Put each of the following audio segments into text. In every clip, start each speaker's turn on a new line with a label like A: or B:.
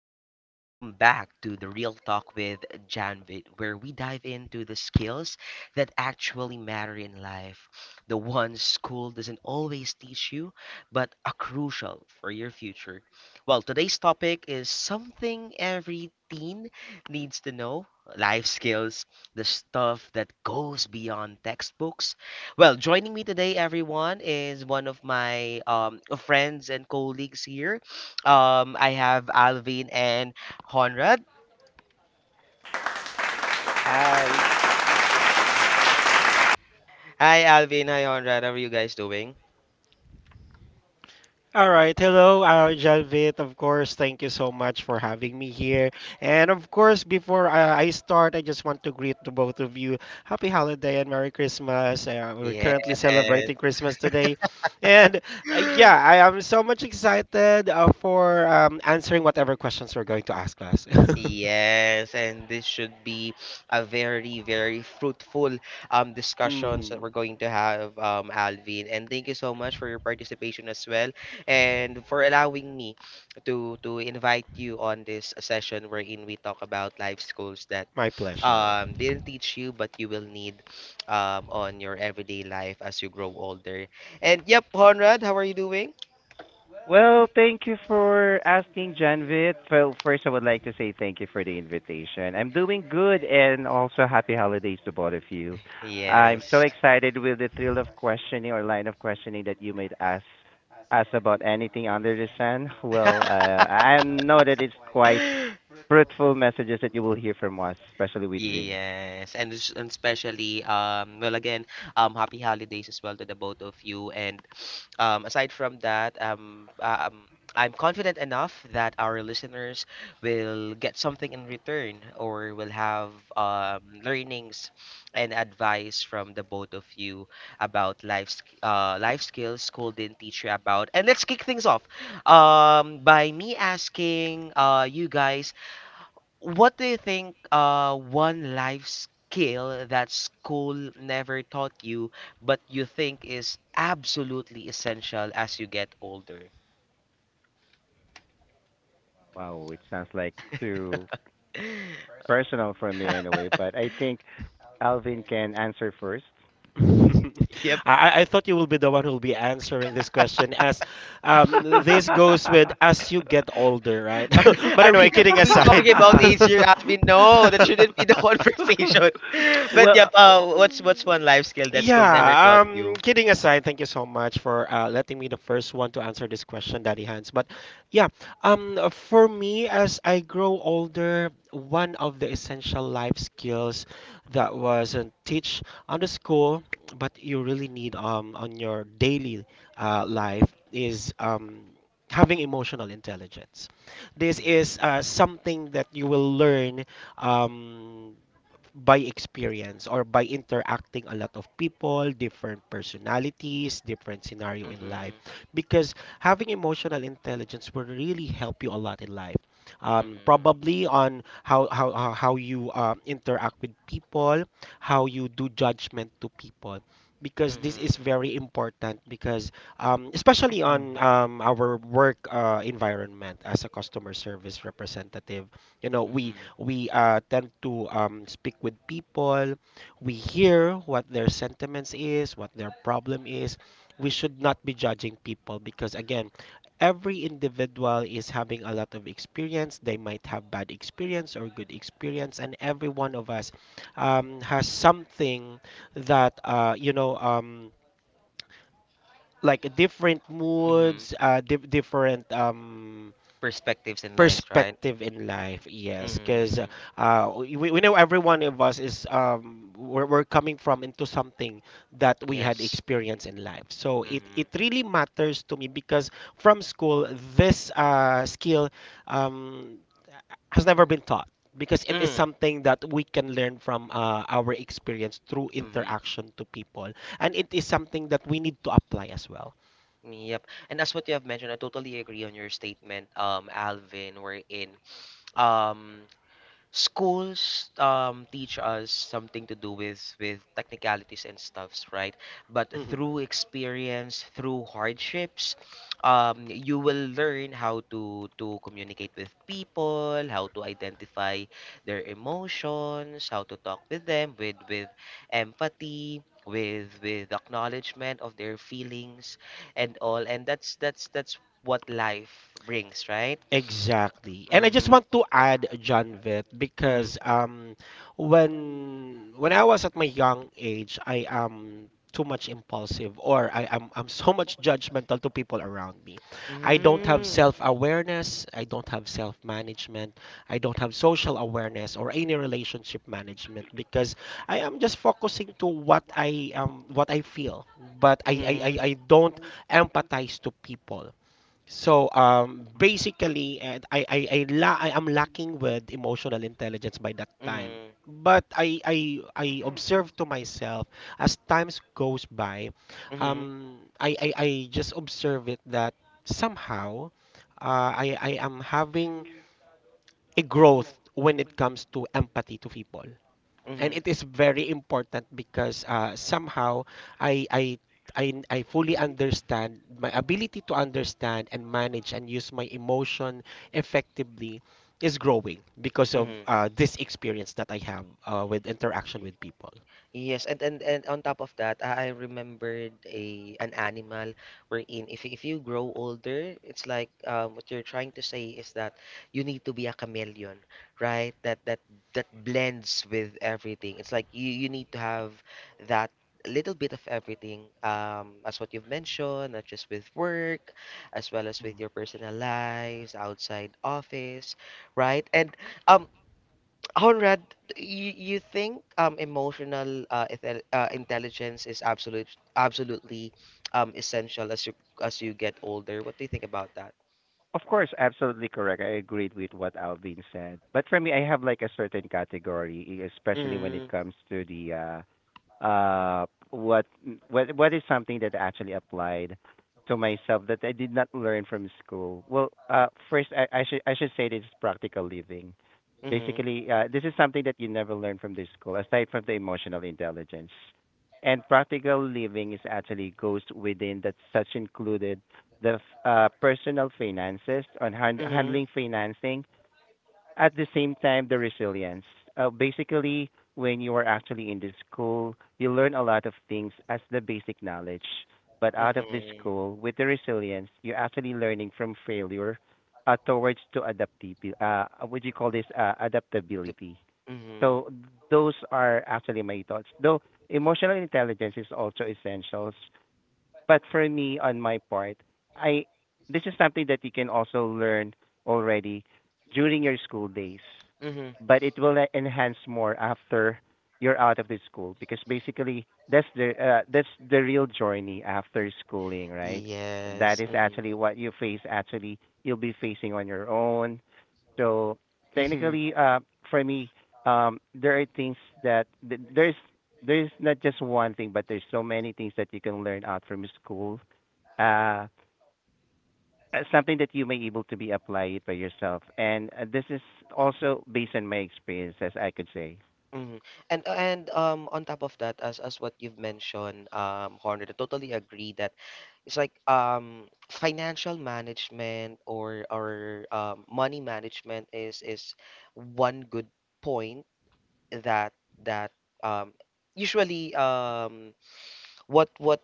A: And welcome back to the Real Talk with Janvit, where we dive into the skills that actually matter in life. The ones school doesn't always teach you, but are crucial for your future. Well, today's topic is something every teen needs to know life skills, the stuff that goes beyond textbooks. Well, joining me today, everyone, is one of my friends and colleagues here. I have Alvin and Honrad.
B: Hi.
A: Hi, Alvin. Hi, Honrad. How are you guys doing?
C: All right, hello, Jalvit. Of course, thank you so much for having me here. And of course, before I start, I just want to greet to both of you. Happy holiday and Merry Christmas. We're
A: Yes.
C: currently celebrating Christmas today. And yeah, I am so much excited for answering whatever questions you're going to ask us.
A: Yes, and this should be a very, very fruitful discussions that
C: Mhm.
A: we're going to have, Alvin. And thank you so much for your participation as well, and for allowing me to invite you on this session wherein we talk about life schools that
C: My pleasure.
A: didn't teach you but you will need on your everyday life as you grow older. And yep, Conrad, how are you doing?
B: Well, thank you for asking, Janvit. Well, first, I would like to say thank you for the invitation. I'm doing good and also happy holidays to both of you. I'm so
A: Yes.
B: excited with the thrill of questioning or line of questioning that you might ask us about anything under the sun. Well, I know that it's quite fruitful messages that you will hear from us, especially with Vin.
A: Yes, and especially well again, happy holidays as well to the both of you, and aside from that I'm confident enough that our listeners will get something in return or will have learnings and advice from the both of you about life skills school didn't teach you about. And let's kick things off by me asking you guys, what do you think one life skill that school never taught you but you think is absolutely essential as you get older?
B: Wow, it sounds like too personal for me anyway, but I think Alvin can answer first.
A: Yep.
C: I thought you will be the one who will be answering this question, as this goes with as you get older, right?
A: Are,
C: But
A: are we
C: anyway, kidding
A: are we talking
C: aside.
A: about age here, Alvin? No, that shouldn't be the conversation. But yep,
B: well, o-
A: what's one life skill that school never
C: Yeah,
A: taught you?
C: kidding aside, thank you so much for letting me the first one to answer this question, Daddy Hans. But yeah, for me, as I grow older, one of the essential life skills that wasn't teach on the school, but you really need on your daily life is having emotional intelligence. This is
A: Mhm.
C: something that you will learn um by experience or by interacting a lot of people, different personalities, different scenario in life.
A: Mhm.
C: Because having emotional intelligence will really help you a lot in life. Um,
A: Mhm.
C: probably on how you interact with people, how you do judgment to people. Because this is
A: Mhm.
C: very important, because especially on our work environment as a customer service representative, you know, we
A: Mhm.
C: we tend to speak with people. We hear what their sentiments is, what their problem is. We should not be judging people, because again, every individual is having a lot of experience. They might have bad experience or good experience, and every one of us has something that like different
A: Mhm.
C: moods, different
A: Perspectives in life, right?
C: perspective in life, yes, because
A: Mhm.
C: we know every one of us is we're coming from into something that we had
A: Yes.
C: experience in life, so it
A: Mhm.
C: it really matters to me, because from school this skill um has never been taught, because it is
A: Mhm.
C: something that we can learn from our experience through
A: Mhm.
C: interaction to people, and it is something that we need to apply as well.
A: Yep. And as what you have mentioned, I totally agree on your statement, Alvin, wherein um schools teach us something to do with technicalities and stuffs, right? But through
C: Mm-hmm.
A: experience, through hardships, you will learn how to communicate with people, how to identify their emotions, how to talk with them with empathy, with acknowledgement of their feelings and all. And that's what life brings, right?
C: Exactly. And I just
A: Mm-hmm,
C: want to add, John Vitt,
A: mm-hmm.
C: because when I was at my young age, I am too much impulsive, or I'm so much judgmental to people around me. I don't have
A: Mm-hmm.
C: self-awareness, I don't have self-management, I don't have social awareness or any relationship management, because I am just focusing to what I feel, but I I I,
A: Mm-hmm.
C: I don't empathize to people. So basically, I am lacking with emotional intelligence by that time.
A: Mm-hmm.
C: But I observe to myself as times goes by.
A: Mm-hmm.
C: I just observe it that somehow, I am having a growth when it comes to empathy to people, and it
A: Mm-hmm.
C: is very important because somehow I, I I fully understand my ability to understand and manage and use my emotion effectively is growing because of
A: Mm-hmm.
C: this experience that I have with interaction with people.
A: Yes, and on top of that, I remembered a an animal wherein if you grow older, it's like what you're trying to say is that you need to be a chameleon, right? That that blends with everything. It's like you need to have that little bit of everything, as what you've mentioned, not just with work, as well as with your personal lives, outside office, right? And um Honrad, you think emotional intelligence is absolutely essential as you get older. What do you think about that?
B: of course, absolutely correct. I agreed with what Alvin said. But for me, I have like a certain category, especially when it
A: Mm,
B: comes to the uh, uh, what what is something that I actually applied to myself that I did not learn from school. Well, first I should say this is practical living.
A: mm-hmm,
B: Basically, this is something that you never learn from this school, aside from the emotional intelligence. And practical living is actually goes within that such included the personal finances on hand,
A: mm-hmm,
B: handling financing at the same time the resilience. Basically, when you are actually in the school, you learn a lot of things as the basic knowledge. But out of the
A: mm-hmm,
B: school, with the resilience, you're actually learning from failure towards to adaptability. What do you call this? Adaptability.
A: mm-hmm,
B: So those are actually my thoughts. Though emotional intelligence is also essential, but for me, on my part, I this is something that you can also learn already during your school days,
A: mm-hmm.
B: but it will enhance more after you're out of the school because basically that's the real journey after schooling, right? That
A: Yes,
B: is actually what you face. Actually, you'll be facing on your own. So
A: mm-hmm,
B: technically, for me, there are things that there's not just one thing, but there's so many things that you can learn out from school. Uh, Something that you may able to be apply it by yourself, and this is also based on my experience, as I could say.
A: Mhm. And on top of that, as what you've mentioned, Horner, I totally agree that it's like financial management or money management is one good point that that um usually what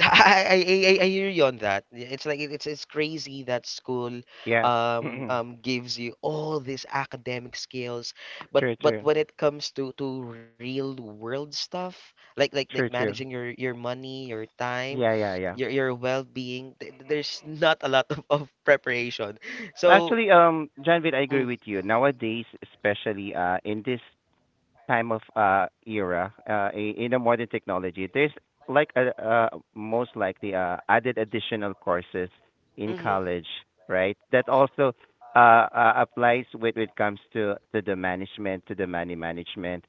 A: I hear you on that. Yeah, it's like it's it's crazy that school
B: Yeah, true,
A: gives you all these academic skills, but
B: true,
A: when it comes to real world stuff, like like
B: true, true.
A: managing your money, your time,
B: Yeah, yeah, yeah.
A: your well-being, th there's not a lot of preparation. So,
B: Actually, Janvid, I agree
A: mm,
B: with you. Nowadays, especially in this time of era in the modern technology, there's like a, most likely added additional courses in
A: hmm
B: college, right? That also uh, applies when it comes to the management, to the money management,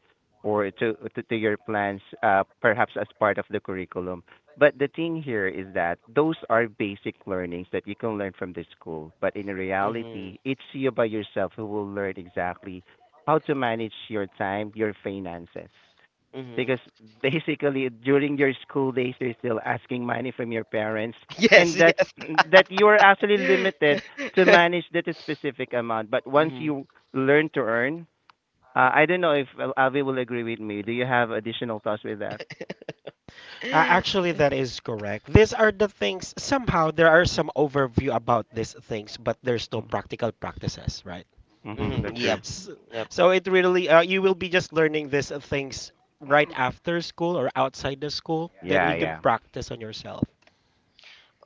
B: or to, to your plans perhaps as part of the curriculum. But the thing here is that those are basic learnings that you can learn from the school, but in
A: hmm
B: reality it's you by yourself who will learn exactly how to manage your time, your finances.
A: hmm
B: Because basically during your school days you're still asking money from your parents,
A: Yes,
B: and that's
A: yes.
B: that you are actually limited to manage that specific amount. But once
A: hmm
B: you learn to earn, I don't know if, Avi will agree with me. Do you have additional thoughts with that?
C: Actually, that is correct. These are the things. Somehow there are some overview about these things, but there's no practical practices, right?
B: Mm-hmm.
A: hmm
B: That's
A: Yep.
B: true.
C: S-
A: Yep.
C: so it really, you will be just learning these things right after school or outside the school, that
B: Yeah,
C: you
A: Mm-hmm.
C: could
B: yeah.
C: practice on yourself.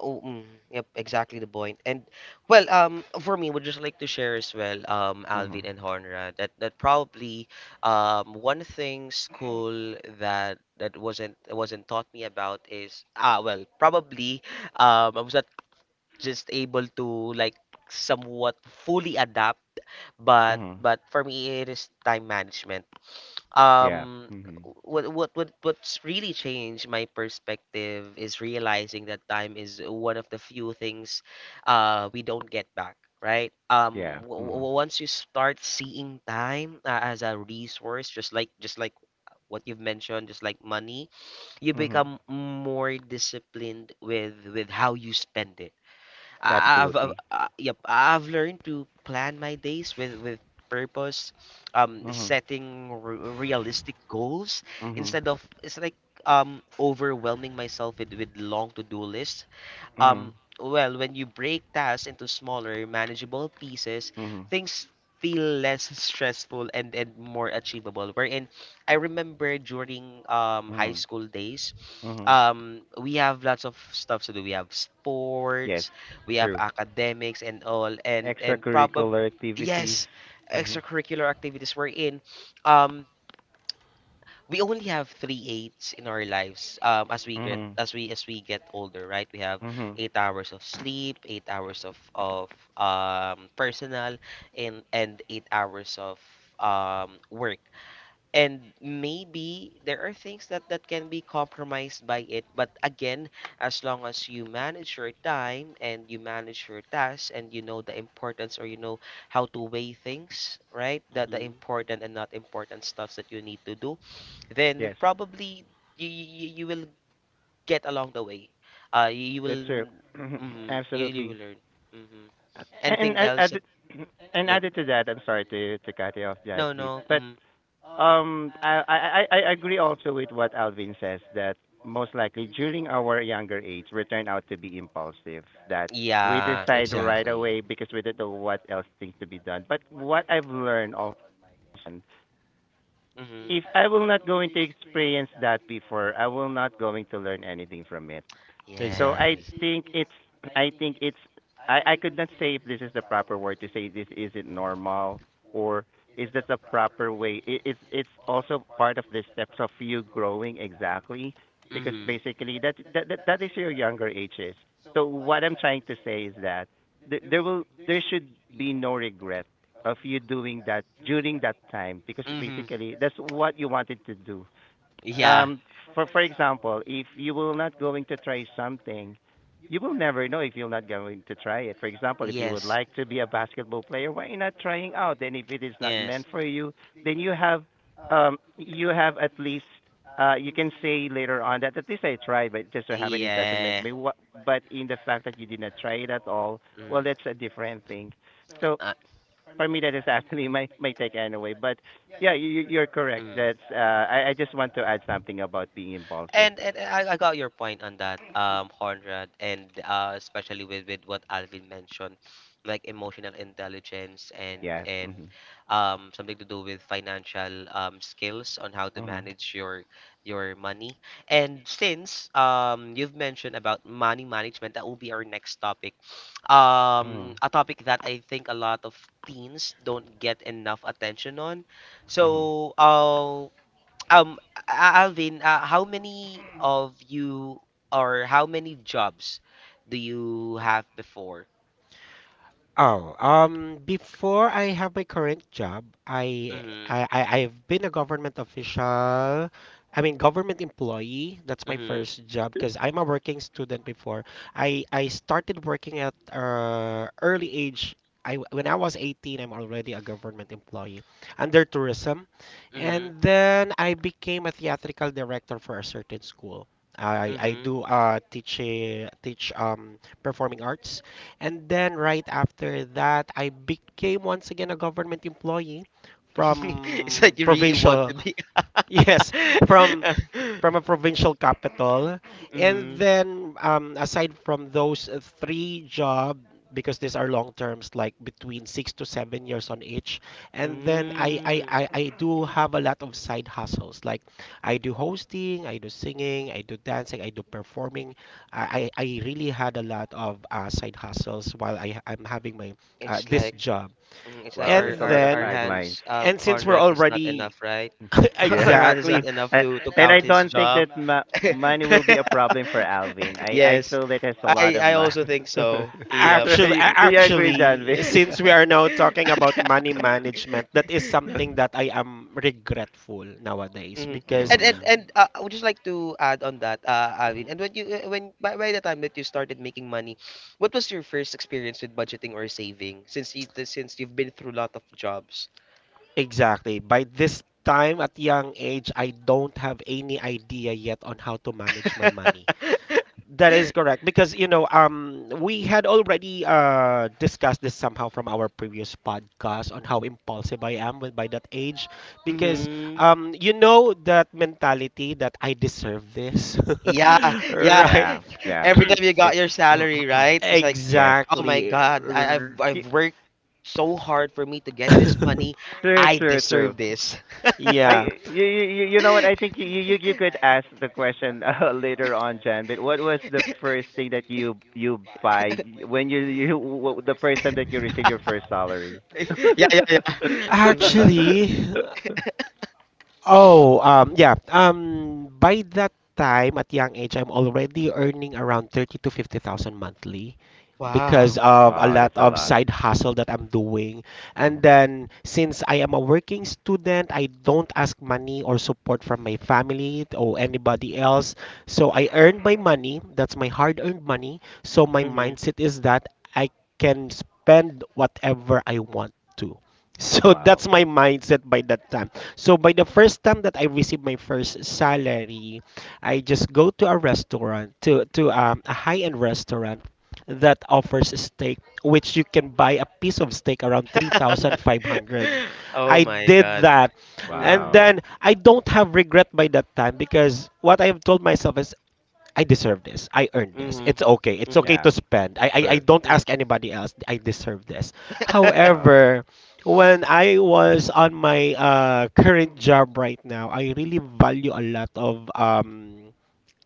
A: Oh, mm, yep, exactly the point. And well, for me, would just like to share as well,
B: Mhm.
A: Alvin and Honra, that that probably, one thing school that that wasn't taught me about is ah well, probably, I was not just able to like somewhat fully adapt,
B: Mhm.
A: but for me it is time management.
B: Yeah.
A: um
B: Mhm.
A: what what's really changed my perspective is realizing that time is one of the few things we don't get back, right? um
B: Yeah.
A: w-
B: Mhm.
A: w- once you start seeing time as a resource, just like what you've mentioned, just like money, you
B: Mhm.
A: become more disciplined with how you spend it. I've
B: Absolutely.
A: yep, I've learned to plan my days with purpose,
B: Mhm.
A: setting realistic goals
B: Mhm.
A: instead of it's like overwhelming myself with long to-do lists. Um,
B: Mhm.
A: well, when you break tasks into smaller, manageable pieces,
B: Mhm.
A: things feel less stressful and more achievable. Wherein I remember during high
B: Mhm.
A: school days,
B: Mm-hmm.
A: we have lots of stuff to do. We have
B: Yes,
A: sports, we have
B: true.
A: academics and all, and probably
B: Extracurricular activities.
A: yes,
B: Mm-hmm.
A: extracurricular activities. We're in. Um, we only have three eights in our lives as we get
B: Mm-hmm.
A: as we get older, right? We have
B: Mm-hmm.
A: 8 hours of sleep, 8 hours of personal, and 8 hours of work. And maybe there are things that can be compromised by it, but again, as long as you manage your time and you manage your tasks, and you know the importance, or you know how to weigh things, right, the
C: Hmm.
A: important and not important stuffs that you need to do, then
B: Yes,
A: probably you will get along the way, you, you
B: that's
A: will
B: true.
A: mm, you will
B: Absolutely.
A: learn hmm
B: Uh, And
A: anything
B: a-
A: else that,
B: added, and
A: yep
B: added to that, I'm sorry to cut you off, that
A: no
B: bit,
A: no
B: but
A: mm,
B: I agree also with what Alvin says, that most likely during our younger age we turn out to be impulsive, that we
A: yeah
B: decide right
C: Exactly,
B: away because we don't know what else things to be done. But what I've learned also,
A: Mm-hmm.
B: if I will not going to experience that before, I will not going to learn anything from it. So I
C: exactly.
A: Yes.
B: think it's I think it's I could not say if this is the proper word to say. This isn't normal, or is this a proper way? It's also part of the steps of you growing exactly, because
A: Mm-hmm.
B: basically that is your younger ages. So what I'm trying to say is that th- there will there should be no regret of you doing that during that time, because
A: Mm-hmm.
B: basically that's what you wanted to do.
A: Yeah.
B: Um, for example, if you will not going to try something, you will never know if you're not going to try it. For example, if you would
A: Yes.
B: like to be a basketball player, why not trying out? Then if it is not
A: Yes.
B: meant for you, then you have at least, you can say later on that at least I tried, but just so happened it doesn't meant to
A: Yeah.
B: me. But in the fact that you did not try it at all, well,
A: Mm.
B: that's a different thing. So
A: Uh,
B: for me, that is actually my take anyway. But yeah, you're correct.
A: mm.
B: That's I just want to add something about being impulsive.
A: And I got your point on that, Conrad, and especially with what Alvin mentioned, like emotional intelligence
B: Yes.
A: and
B: Mhm.
A: something to do with financial skills on how to
B: Mhm.
A: manage your money. And since you've mentioned about money management, that will be our next topic.
B: Mhm.
A: A topic that I think a lot of teens don't get enough attention on.
B: Mhm.
A: So, um, Alvin, how many of you or how many jobs do you have before?
C: Oh, before I have my current job,
A: Mm-hmm.
C: I I've been a government official. I mean, government employee. That's my
A: Mm-hmm.
C: first job, because I'm a working student before. I started working at early age. When I was 18, I'm already a government employee under tourism.
A: Mm-hmm.
C: And then I became a theatrical director for a certain school. I
A: Mm-hmm.
C: do teach performing arts. And then right after that, I became once again a government employee
A: It's
C: from
A: like you really want
C: provincial,
A: to be.
C: yes, from from a provincial capital. And
A: Mm-hmm.
C: then, aside from those three job, because these are long terms, like between 6 to 7 years on each. And then I, I,
A: Mm.
C: I, I do have a lot of side hustles. Like I do hosting, I do singing, I do dancing, I do performing. I really had a lot of side hustles while I'm having my
A: It's
C: this
A: like
C: job.
A: Mhm, it's like
B: Wow,
A: our
B: there's a
C: And
A: our
B: lot of
A: our
C: then,
B: sidelines.
A: hands
C: and since we're
A: 100 is not
C: already.
A: enough, right? Our
B: Yeah,
A: hand is not
C: Exactly.
B: I,
A: enough
B: I-
A: to
B: and I
A: count his
B: don't think
A: job.
B: that money will be a problem for Alvin. I
A: Yes.
B: feel that there's a lot of
A: I
B: money.
A: also think so. Yep.
C: Actually,
B: Sorry, do you agree, John? Vic?
C: since we are now talking about money management, that is
B: Yeah.
C: something that I am regretful nowadays.
A: Mhm.
C: Because
B: Mm,
A: And I would just like to add on that,
C: Mhm.
A: Alvin. And when you when by the time that you started making money, what was your first experience with budgeting or saving? Since you since you've been through a lot of jobs.
C: Exactly. By this time at young age, I don't have any idea yet on how to manage my money. That is correct, because we had already discussed this somehow from our previous podcast on how impulsive I am, with by that age, because
A: Mhm.
C: you know that mentality that I deserve this.
A: Yeah, yeah.
C: Right.
B: yeah, yeah.
A: Every time you got
B: It's
A: your salary, right? It's like,
B: yes.
A: oh my
C: Exactly.
A: God, I've worked so hard for me to get this money.
B: True,
A: I
B: true, true.
A: deserve this.
C: Yeah.
B: I You know what? I think you could ask the question, later on, Jan. But what was the first thing that you buy, when you what, the first time that you receive your first salary?
A: Yeah, yeah, yeah. hmm
C: Actually. Oh, yeah. By that time, at young age, I'm already earning around 30 to 50,000 monthly because
A: Wow.
C: of a
B: Wow,
C: lot
B: that's a
C: of
B: lot.
C: side hustle that I'm doing. And
B: Hmm.
C: then, since I am a working student, I don't ask money or support from my family or anybody else. So I earn my money, that's my hard-earned money. So my
A: hmm
C: mindset is that I can spend whatever I want to. So
B: Wow,
C: that's my mindset by that time. So by the first time that I received my first salary, I just go to a restaurant to a high-end restaurant that offers a steak, which you can buy a piece of steak around 3,500.
A: Oh
C: I
A: my
C: did
A: God.
C: that.
A: Hmm
C: And
B: wow,
C: then I don't have regret by that time, because what I have told myself is, I deserve this. I earned this.
A: hmm
C: It's okay. It's
A: hmm
C: okay
B: yeah,
C: to spend. I
B: true.
C: don't
A: hmm
C: ask anybody else. I deserve this.
B: Wow.
C: However, when I was on my current job right now, I really value a lot of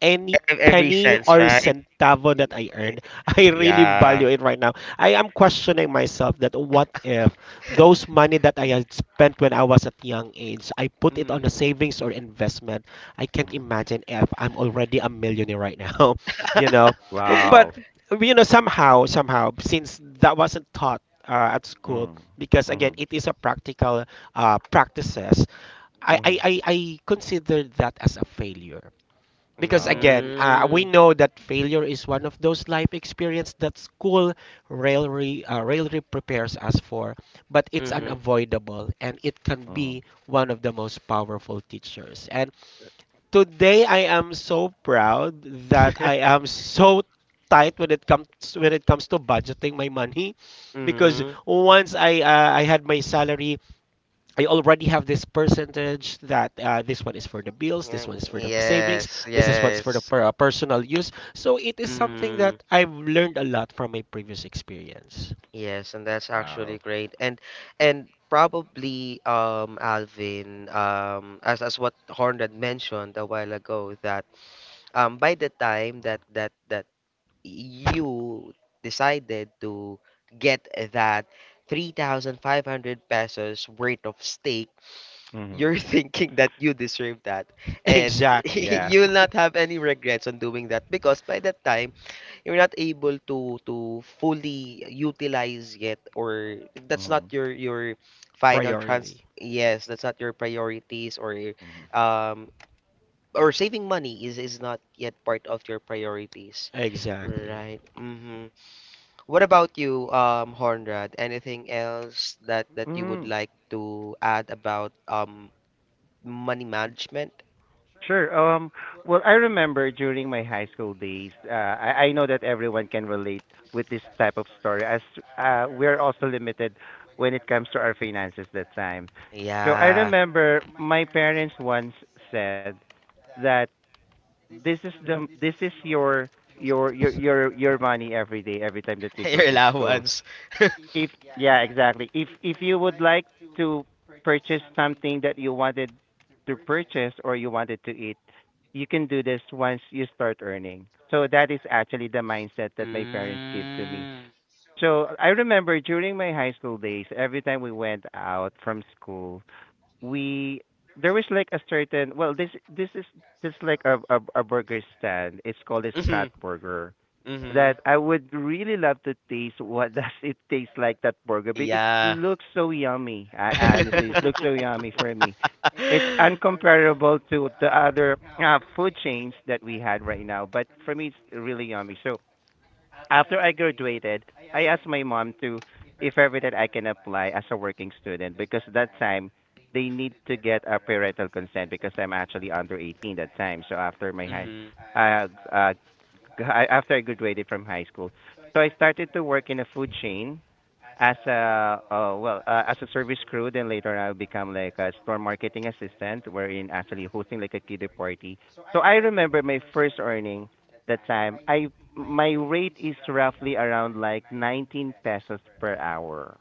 C: any
A: Every
C: penny
A: sense,
C: or
A: right?
C: centavo
A: Mm,
C: that I earned, I really
A: Yeah.
C: value it right now. I am questioning myself that, what if those money that I had spent when I was at young age, I put it
A: hmm
C: on a savings or investment? I can't
B: Mhm.
C: imagine if I'm already a millionaire right now, you know. But
B: Wow.
C: somehow since that wasn't taught at school,
B: Mm,
C: because
B: mm,
C: again it is a practical practices, I, I,
B: mm.
C: I, I consider that as a failure, because
B: Wow.
C: again, we
A: Mm-hmm.
C: know that failure is one of those life experience that school rarely, prepares us for, but it's unavoidable and it can
B: Mm.
C: be one of the most powerful teachers. And today I am so proud that I am so tight when it comes to budgeting my money, because
A: Mm-hmm.
C: once I had my salary, I already have this percentage that this one is for the bills, this
A: Yeah,
C: one is for the savings,
A: yes,
C: this is one's for the
A: yes.
C: personal use. So it is something
A: Mm,
C: that I've learned a lot from my previous experience.
A: yes, and that's actually
B: Wow.
A: great. And probably Alvin, as what Horn had mentioned a while ago, that by the time that you decided to get that 3,500 pesos worth of steak,
B: Mm.
A: you're thinking that you deserve that, and
C: Exactly.
B: Yeah.
A: you'll not have any regrets on doing that because by that time you're not able to fully utilize yet, or if that's not
B: Mm,
A: your your final trans
C: Priority.
A: yes, that's not your priorities or your,
B: mm.
A: um, or saving money is not yet part of your priorities,
C: Exactly.
A: right? Mm-hmm. What about you, um, Hornrad, anything else that that you would
B: Mm.
A: like to add about money management?
B: Sure. Well, I remember during my high school days, I know that everyone can relate with this type of story, as we're also limited when it comes to our finances that time. So I
A: Yeah.
B: remember my parents once said that this is your money, every day, every time that you go
A: Your
B: to school.
A: allowance.
B: If Yeah, exactly. If you would like to purchase something that you wanted to purchase or you wanted to eat, you can do this once you start earning. So that is actually the mindset that my parents gave to me.
A: Mm
B: So I remember during my high school days, every time we went out from school, we there was like a certain, well, this is this like a burger stand. It's called a Scott
A: Mhm.
B: Burger
A: Mhm.
B: that I would really love to taste. What does it taste like, that burger? But it
A: Yeah.
B: looks so yummy. I Honestly, it looks so yummy for me. It's uncomparable to the other food chains that we had right now, but for me, it's really yummy. So after I graduated, I asked my mom to if ever that I can apply as a working student, because that time they need to get a parental consent because I'm actually under 18 that time. So after my high,
A: Mhm.
B: uh, uh, I, after I graduated from high school. So I started to work in a food chain as a well, as a service crew. Then later I'll become like a store marketing assistant, wherein actually hosting like a kiddie party. So I remember my first earning that time. I My rate is roughly around like 19 pesos per hour.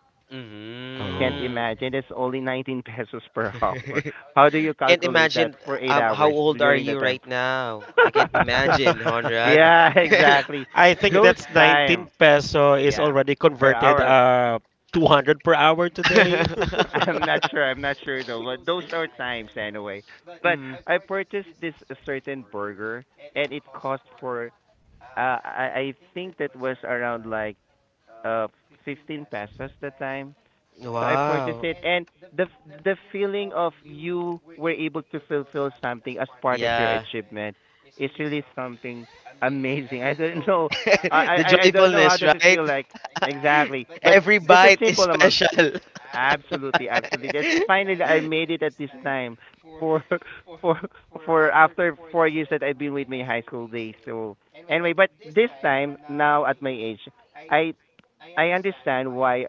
B: Can't
C: Oh.
A: Mhm.
B: imagine. It's only 19 pesos per hour. How do you
A: Can't
B: calculate that
A: imagine,
B: for eight
A: how
B: hours
A: old are
B: during the
A: you
B: time?
A: right now? I can't imagine, Honrad.
B: Yeah, exactly.
C: I think
B: Those
C: that's 19
B: time,
C: peso is
B: yeah,
C: already
B: for
C: converted
B: our.
C: 200 per hour today.
B: I'm not sure. I'm not sure though. But those are times anyway. But
A: Mm.
B: I purchased this certain burger, and it cost for. I think that was around like uh 15 pesos the time. So I purchased
A: Wow.
B: it, and the feeling of you were able to fulfill something as part of your
A: Yeah.
B: achievement is really something amazing. I don't know.
A: The
B: I don't know how
A: joyfulness,
B: does it
A: right?
B: feel like exactly, but
A: Every
B: just a
A: bite is
B: simple amount.
A: special.
B: Absolutely, absolutely. That's finally I made it at this time for for for after 4 years that I've been with my high school days. So anyway, but this time now at my age, I I understand why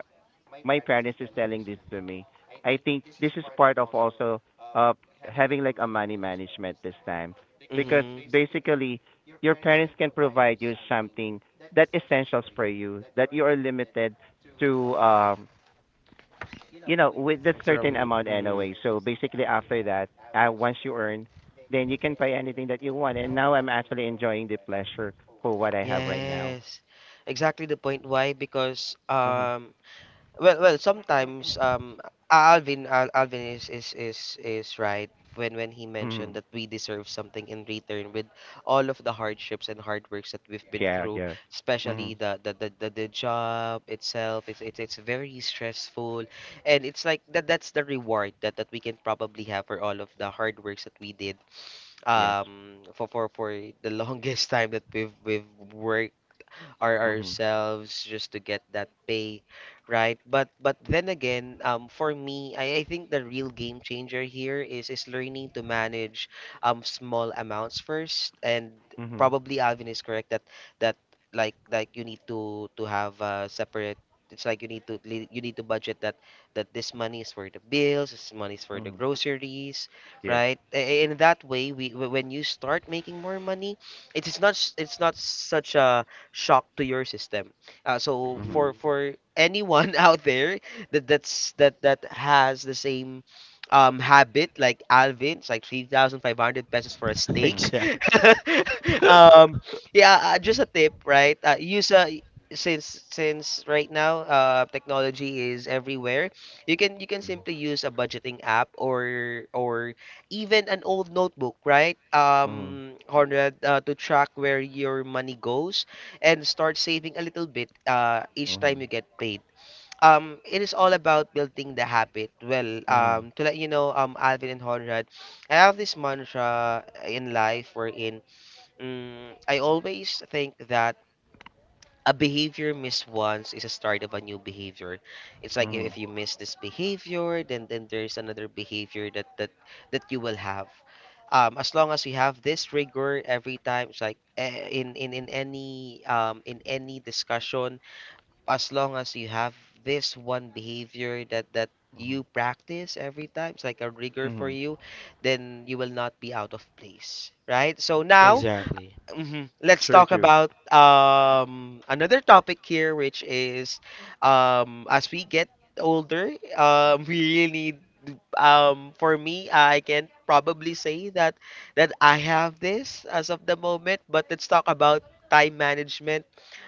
B: my parents is telling this to me. I think this is part of also uh having like a money management this time, because
A: Mm-hmm.
B: basically your parents can provide you something that essentials for you, that you are limited to, with a certain
A: From
B: amount
A: mm,
B: anyway. So basically after that, once you earn, then you can buy anything that you want. And now I'm actually enjoying the pleasure for what I have right now.
A: yes, exactly the point. Why? Because
B: Mhm.
A: well, well, sometimes Alvin is is right when he mentioned
B: Mhm.
A: that we deserve something in return with all of the hardships and hard works that we've been
B: Yeah,
A: through,
B: yeah. Mhm.
A: especially the the job itself. It's very stressful, and it's like that that's the reward that we can probably have for all of the hard works that we did
B: Yes.
A: for for the longest time that we've worked or
B: Mhm.
A: ourselves just to get that pay, right? But then again, for me, I think the real game changer here is learning to manage small amounts first, and
B: Mhm.
A: probably Alvin is correct that that like you need to have a separate. It's like you need to you need to budget that that this money is for the bills, this money is for the
B: Mhm.
A: groceries,
B: Yes.
A: right? In that way, when you start making more money, it's not such a shock to your system. So
C: Mhm.
A: for
B: Mhm.
A: anyone out there that that's that that has the same habit like Alvin. It's like 3,500 pesos for a
B: Mhm.
A: steak.
C: Exactly.
A: um yeah, just a tip, right? Use a Since right now technology is everywhere. You can
B: Mhm.
A: simply use a budgeting app or even an old notebook, right,
B: Mhm.
A: Conrad, to track where your money goes, and start saving a little bit, each time
B: Mhm.
A: you get paid. It is all about building the habit. Well,
B: Mhm.
A: to let you know, Alvin and Honrad, I have this mantra in life wherein, I always think that a behavior missed once is a start of a new behavior. It's like, if
B: Mhm.
A: you miss this behavior, then there's another behavior that you will have. As long as you have this rigor every time, it's like, in any discussion, as long as you have this one behavior that
B: Mhm.
A: you practice every time, it's like a rigor for
B: Mhm.
A: you, then you will not be out of place, right? So now.
C: Exactly.
A: Mhm. Let's
B: Sure,
A: talk
B: true.
A: about another topic here, which is, as we get older, we really need, for me I can probably say that I have this as of the moment, but let's talk about time management.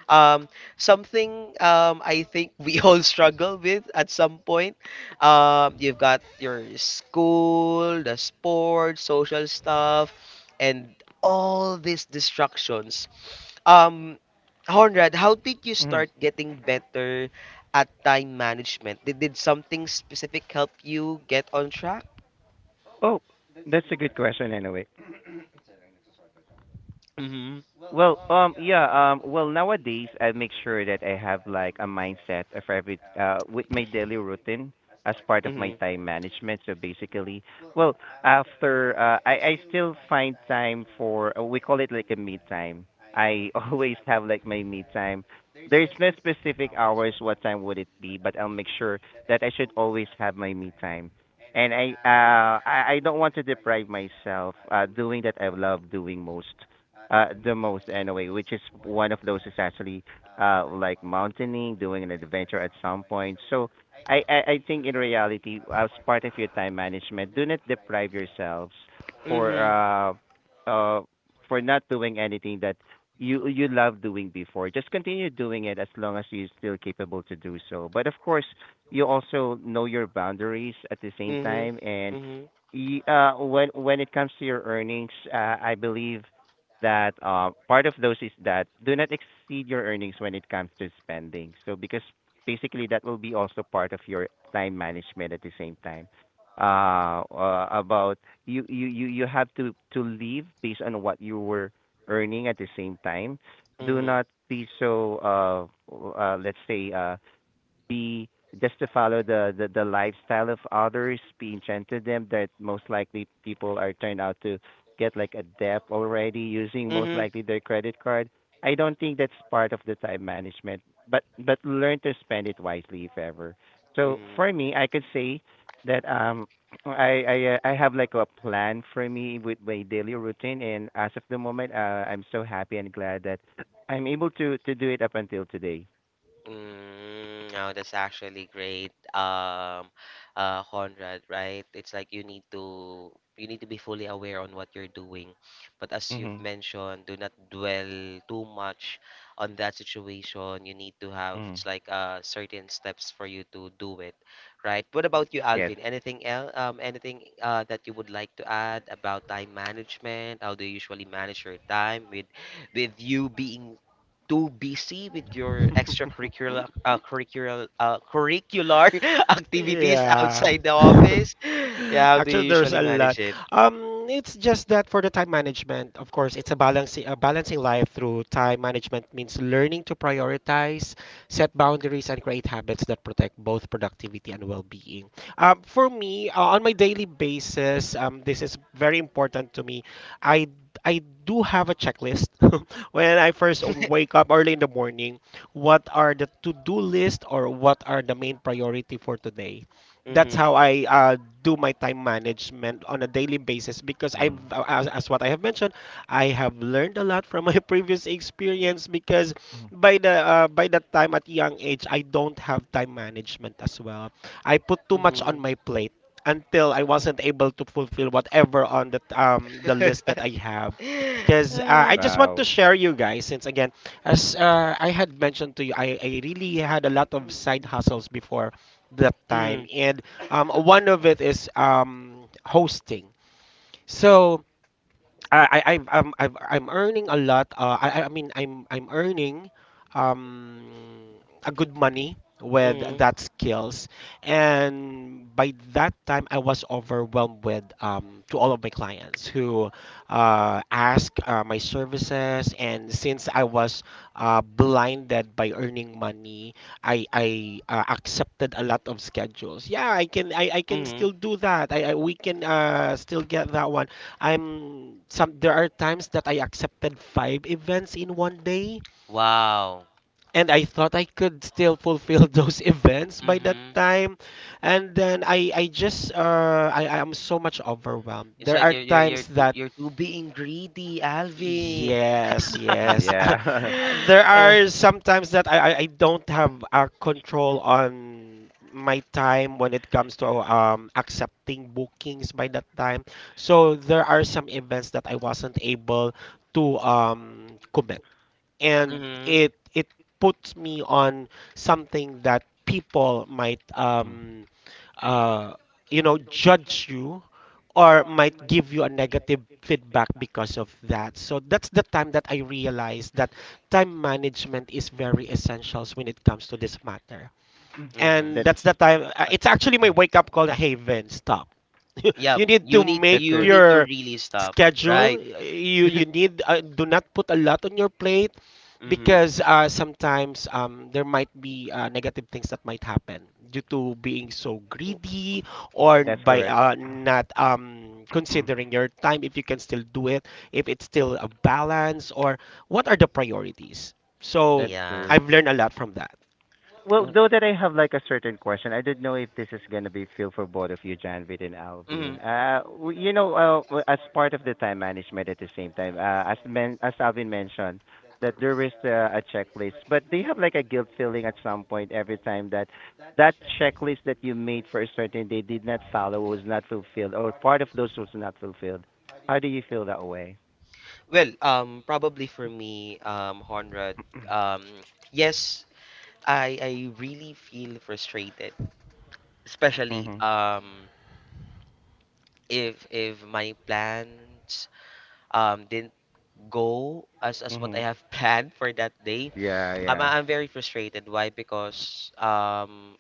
A: Um Something, I think we all struggle with at some point. You've got your school, the sports, social stuff, and all these distractions. um, Honrad, how did you
B: Mhm.
A: start getting better at time management? Did something specific help you get on track?
B: Oh, that's a good question anyway.
A: Mm-hmm.
B: Well, yeah, well, nowadays I make sure that I have like a mindset of every with my daily routine as part of my
A: Mm-hmm.
B: time management. So basically, well, after I still find time for we call it like a me time. I always have like my me time. There's no specific hours what time would it be, but I'll make sure that I should always have my me time. And I don't want to deprive myself doing that I love doing most the most anyway, which is one of those is actually like mountaineering, doing an adventure at some point. So I think in reality, as part of your time management, do not deprive yourselves for
A: Mm-hmm.
B: uh uh for not doing anything that you love doing before. Just continue doing it as long as you're still capable to do so, but of course you also know your boundaries at the same
A: Mm-hmm.
B: time. And
A: Mm-hmm.
B: when it comes to your earnings, I believe that part of those is that do not exceed your earnings when it comes to spending. So because basically that will be also part of your time management at the same time. About you have to live based on what you were earning at the same time. Do not be so let's say be just to follow the lifestyle of others, be enchanted them, that most likely people are turned out to get like a debt already using most
A: Mm-hmm.
B: likely their credit card. I don't think that's part of the time management, but learn to spend it wisely if ever. So for
A: Mm-hmm.
B: me, I could say that I have like a plan for me with my daily routine, and as of the moment, I'm so happy and glad that I'm able to do it up until today.
A: Mm, no, that's actually great. Conrad, right? It's like you need to be fully aware on what you're doing. But as you've
B: Mhm.
A: mentioned, do not dwell too much on that situation. You need to have
B: Mhm.
A: It's like certain steps for you to do it, right? What about you,
B: Yes.
A: Alvin? Anything else? Anything that you would like to add about time management? How do you usually manage your time with you being too busy with your extracurricular curricular curricular activities
C: Yeah.
A: outside the office? Yeah, how do
C: Actually,
A: you
C: there's
A: usually
C: a
A: manage
C: lot.
A: it?
C: It's just that for the time management, of course, it's a balancing life through time management, means learning to prioritize, set boundaries, and create habits that protect both productivity and well-being. For me, on my daily basis, this is very important to me. I I do have a checklist when I first wake up early in the morning, what are the to-do list or what are the main priority for today. That's
A: Mm-hmm.
C: how I do my time management on a daily basis, because
B: Mm.
C: as what I have mentioned, I have learned a lot from my previous experience, because
B: Mhm.
C: by that time at young age, I don't have time management as well. I put too much
A: Mm-hmm.
C: on my plate until I wasn't able to fulfill whatever on the list that I have, because I
A: uh,
C: just want to
B: Wow.
C: share you guys, since again, as I had mentioned to you, I really had a lot of side hustles before that time,
A: mm,
C: and one of it is hosting. So I'm earning a lot. I mean, I'm earning um a good money with
A: mm,
C: that skills, and by that time I was overwhelmed with to all of my clients who ask my services, and since I was blinded by earning money, I accepted a lot of schedules. Yeah, I can
A: mm.
C: still do that. I we can still get that one. I'm some There are times that I accepted five events in 1 day,
A: Wow.
C: and I thought I could still fulfill those events by that
A: Mm-hmm.
C: time. And then I just I am so much overwhelmed.
A: It's
C: There
A: like
C: are
A: you're
C: times that
A: you're too being greedy, Alvin.
C: yes,
B: Mm,
C: yes.
B: yeah.
C: There
A: uh,
C: are sometimes that I don't have a control on my time when it comes to accepting bookings by that time. So there are some events that I wasn't able to commit, and
A: mm-hmm.
C: it puts me on something that people might uh judge you or might give you a negative feedback because of that. So that's the time that I realized that time management is very essential when it comes to this matter.
B: Mm.
C: And
B: that's
C: that's
A: Mm-hmm.
C: the time
B: uh,
C: it's actually my wake up call. Hey Vin, stop.
A: Yeah,
C: You need to
B: that's
C: make
A: you
B: true.
A: need to
C: your
A: really stop,
C: schedule.
A: right?
C: You need, do not put a lot on your plate,
A: Mm-hmm.
C: because sometimes there might be negative things that might happen due to being so greedy, or
B: That's
C: by
B: correct.
C: not considering your time, if you can still do it, if it's still a balance, or what are the priorities. So
B: That's
A: Yeah.
B: true.
C: I've learned a lot from that.
B: Well, though that I have like a certain question, I didn't know if this is gonna be feel for both of you, Janvid and
A: Mm-hmm.
B: Alvin. As part of the time management, at the same time, as men, as Alvin mentioned, that there is a checklist, but do you have like a guilt feeling at some point every time that checklist that you made for a certain day did not follow, was not fulfilled, or part of those was not fulfilled? How do you feel that way?
A: Well, probably for me, Honrad, um, yes, I really feel frustrated, especially
B: Mhm.
A: if my plans didn't go as what I
B: Mhm.
A: have planned for that day.
B: Yeah, yeah.
A: I'm very frustrated. Why? Because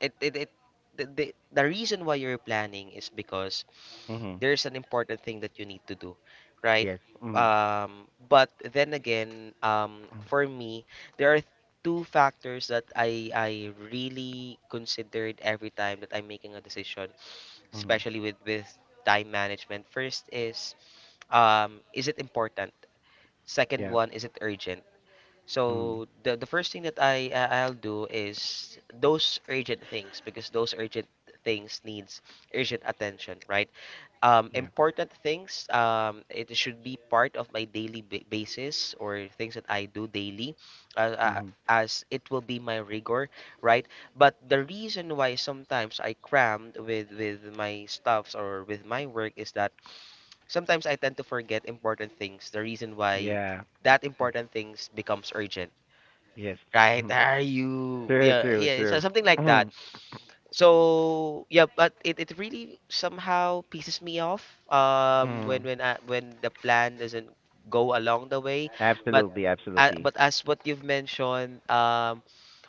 A: it it, it the, the the reason why you're planning is because
B: Mhm.
A: there's an important thing that you need to do, right.
B: Yes. Mhm.
A: But then again, for me there are two factors that I really considered every time that I'm making a decision,
B: Mhm.
A: especially with time management. First is, is it important? Second
B: Yeah.
A: one is it urgent?
B: Mhm.
A: So the first thing that I'll do is those urgent things, because those urgent things needs urgent attention, right?
B: Yeah.
A: Important things, it should be part of my daily ba basis, or things that I do daily, uh, uh,
B: Mhm.
A: as it will be my rigor, right? But the reason why sometimes I crammed with my stuffs or with my work is that sometimes I tend to forget important things. The reason why
B: Yeah.
A: that
B: Mm.
A: important things becomes urgent,
B: Yes.
A: right?
B: Mhm.
A: Are you?
B: True,
A: Yeah,
B: true,
A: yeah. So
B: true.
A: something like that.
B: Mhm.
A: So yeah, but it really somehow pisses me off.
B: Mhm.
A: When the plan doesn't go along the way, but
B: Absolutely, absolutely.
A: but as what you've mentioned,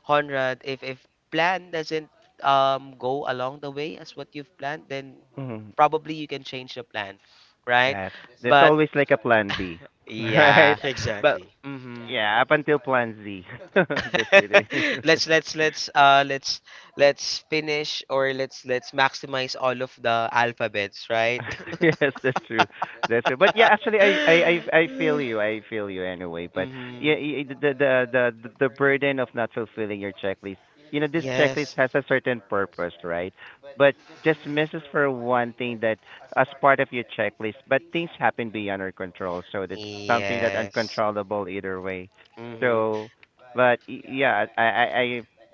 A: Conrad, if plan doesn't go along the way as what you've planned, then
B: Mhm.
A: probably you can change the plan, right?
B: Yes. There's
A: But
B: always like a plan B. Right?
A: yeah, but
C: Exactly.
A: mhm.
B: Yeah, up until plan Z. Just kidding.
A: Let's let's let's uh let's let's finish, or let's maximize all of the alphabets, right?
B: Yes, that's true. That's true. But yeah, actually, I feel you. I feel you anyway. But yeah,
A: mhm.
B: the burden of not fulfilling your checklist. You know, this checklist
A: Yes.
B: has a certain purpose, right? But just misses for one thing that as part of your checklist, but things happen beyond our control. So that's something that
A: Yes.
B: uncontrollable either way.
A: Mhm.
B: So, but y- yeah,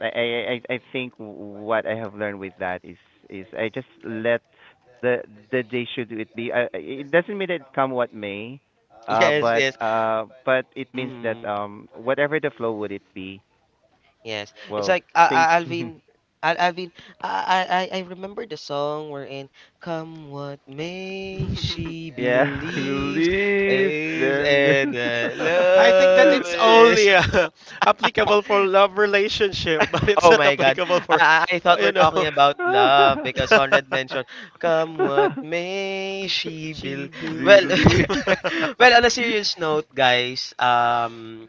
B: I think what I have learned with that is I just let the day should it be it doesn't mean that it come what may
A: Yes, yes.
B: but it means that
A: Mhm.
B: whatever the flow would it be
A: Yes, it's
B: well
A: like,
B: things
A: Alvin, Al Alvin. I remember the song wherein "Come What May," she
B: yeah
A: believes
B: leaves
A: is,
B: then
A: and that
C: I think that
A: love
C: it's
A: is.
C: only applicable for love relationship, but it's
A: Oh
C: not
A: my God!
C: applicable for,
A: I thought
C: you
A: we're talking
C: know.
A: about love because Conrad mentioned "Come What May," she
C: She
A: bel.
C: built
A: Well,
C: you.
B: believe
A: On a serious note, guys.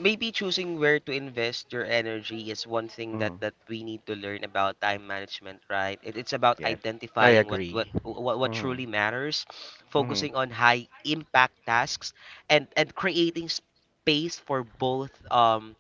A: Maybe choosing where to invest your energy is one thing that
B: mm,
A: that we need to learn about time management, right. It's about
B: yes.
C: I
A: identifying
C: agree.
A: what
B: Mhm.
A: truly matters,
B: Mhm.
A: focusing on high impact tasks, and creating space for both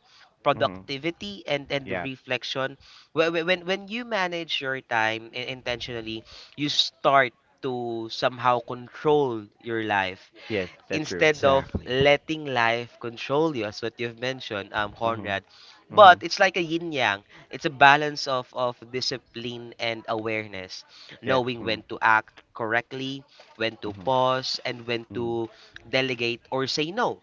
B: Mhm.
A: productivity and
B: Yeah.
A: reflection. When you manage your time intentionally, you start to somehow control your life
B: Yes, that's true.
A: instead of
C: Exactly.
A: letting life control you, as what you've mentioned,
B: Mhm.
A: Conrad.
B: Mhm.
A: But it's like a yin yang. It's a balance of discipline and awareness,
B: Yes.
A: knowing
B: Mm,
A: when to act correctly, when to
B: mhm.
A: pause, and when
B: Mhm.
A: to delegate or say no,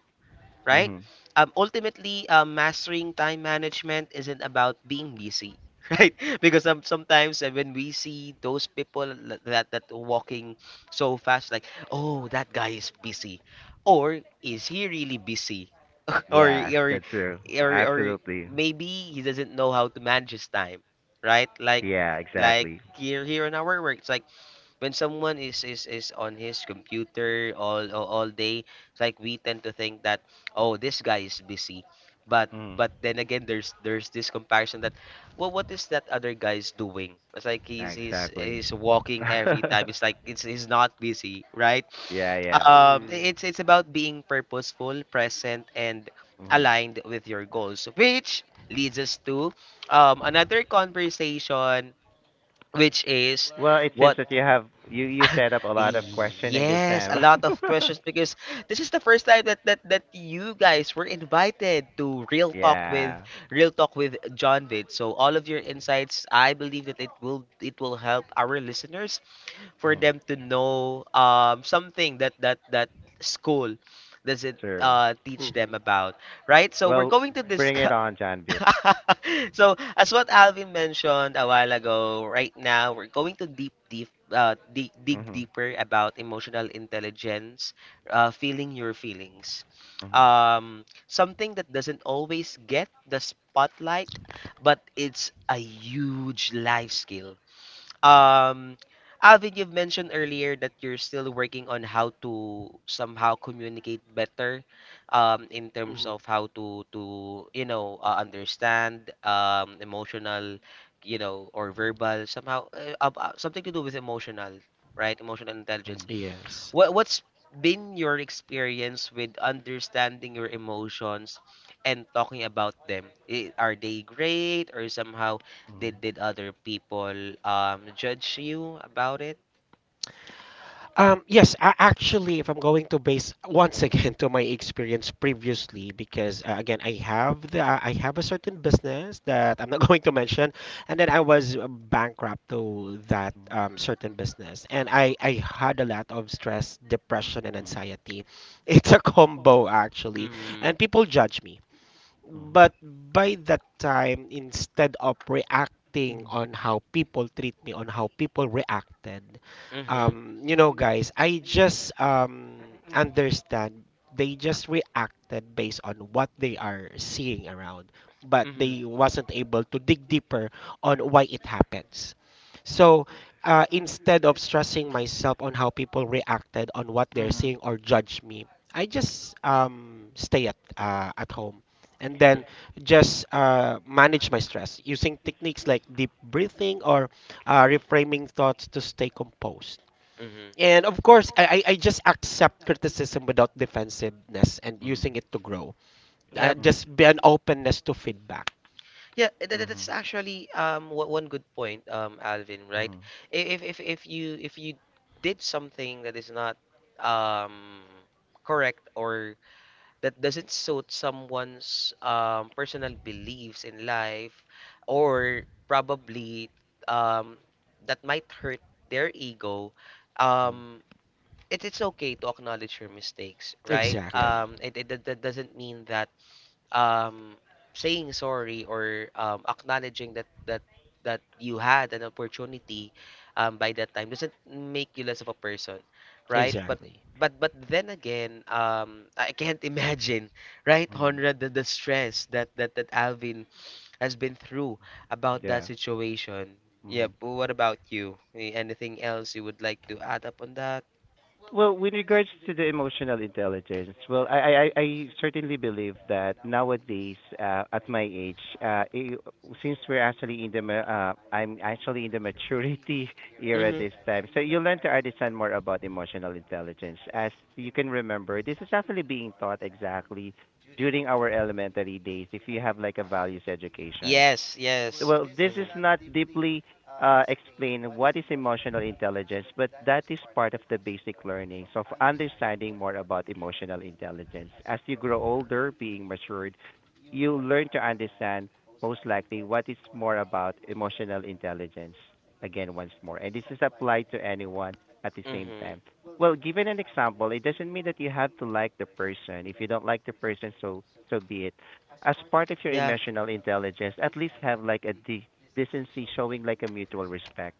A: right?
B: Mhm.
A: Ultimately, mastering time management isn't about being busy, right? Because sometimes, when we see those people l- that that walking so fast, like, oh, that guy is busy. Or is he really busy? or
B: Yes,
A: or
B: that's true.
A: or
B: Absolutely.
A: maybe he doesn't know how to manage his time, right? Like
B: Yeah, exactly.
A: here in our work, it's like when someone is on his computer all day, it's like we tend to think that, oh, this guy is busy. But
B: Mm.
A: then again, there's this comparison that, well, what is that other guy's doing? It's like he's
B: Exactly.
A: walking every time. It's like it's he's not busy, right.
B: Yeah, yeah.
C: Mm-hmm.
A: It's about being purposeful, present, and
B: Hmm.
A: aligned with your goals, which leads us to another conversation, which is
B: Well, it seems
A: what?
B: that you have you set up a lot of questioning this
A: Yes, a
B: time.
A: lot of questions because this is the first time that you guys were invited to Real Talk with
B: Yeah.
A: John Vid. So all of your insights, I believe that it will help our listeners for
B: Hmm.
A: them to know something that school doesn't
B: True.
A: teach
C: Mm-hmm.
A: them about, right? So we're
B: Well,
A: going to
B: bring it
A: discuss.
B: on, John Beat.
A: So as what Alvin mentioned a while ago, right now we're going to dig
B: Hmm.
A: deeper about emotional intelligence, feeling your feelings.
B: Hmm.
A: Something that doesn't always get the spotlight, but it's a huge life skill.
B: Hmm.
A: Um, Alvin, you've mentioned earlier that you're still working on how to somehow communicate better, in terms
C: Mm-hmm.
A: of how to understand, emotional, or verbal somehow, something to do with emotional, right? Emotional intelligence.
B: Hmm.
C: Yes.
A: What's been your experience with understanding your emotions and talking about them? Are they great, or somehow
B: Hmm.
A: did other people judge you about it?
C: Yes, actually, if I'm going to base once again to my experience previously, because again, I have the I have a certain business that I'm not going to mention, and then I was bankrupt to that
B: Hmm.
C: certain business, and I had a lot of stress, depression, and anxiety. It's a combo, actually,
A: Mm-hmm.
C: and people judge me.
B: Hmm. Hmm.
C: But by that time, instead of reacting
B: Hmm.
C: on how people treat me, on how people reacted,
A: Mm-hmm.
C: you know, guys, I just understand they just reacted based on what they are seeing around, but
A: Mm-hmm.
C: they wasn't able to dig deeper on why it happens. So instead of stressing myself on how people reacted on what they're
A: Mm-hmm.
C: seeing or judge me, I just stay at home, and then just manage my stress using techniques like deep breathing or reframing thoughts to stay composed.
A: Mm-hmm.
C: And of course, I just accept criticism without defensiveness and using it to grow.
A: Yep.
B: Hmm.
C: Just be an openness to feedback.
A: Yeah, that's actually one good point, Alvin, right?
B: Hmm.
A: If you did something that is not um correct, or that doesn't suit someone's personal beliefs in life, or probably um that might hurt their ego,
B: Hmm.
A: um it's okay to acknowledge your mistakes, right?
B: Yes.
C: Exactly.
A: That doesn't mean that, um, saying sorry or, acknowledging that you had an opportunity, by that time, doesn't make you less of a person, right? But
C: Exactly.
A: then again, I can't imagine, right,
B: Hmm.
A: Honra, the stress that Alvin has been through about that
B: Yeah.
A: situation.
B: Hmm.
A: Yep. What about you? Anything else you would like to add up on that?
B: Well, with regards to the emotional intelligence, well, I certainly believe that nowadays, at my age, since we're actually in the I'm actually in the maturity era
A: Mm-hmm.
B: this time, so you learn to understand more about emotional intelligence. As you can remember, this is actually being taught exactly during our elementary days. If you have like a values education,
A: Yes, yes.
B: well, this is
A: Mhm.
B: not deeply explained what is emotional intelligence, but that is part of the basic learning. So, for understanding more about emotional intelligence, as you grow older, being matured, you learn to understand most likely what is more about emotional intelligence. Again, once more, and this is applied to anyone at the same
A: Mhm.
B: time. Well, given an example, it doesn't mean that you have to like the person. If you don't like the person, so so be it. As part of your
A: Yeah.
B: emotional intelligence, at least have like a decency, showing like a mutual respect.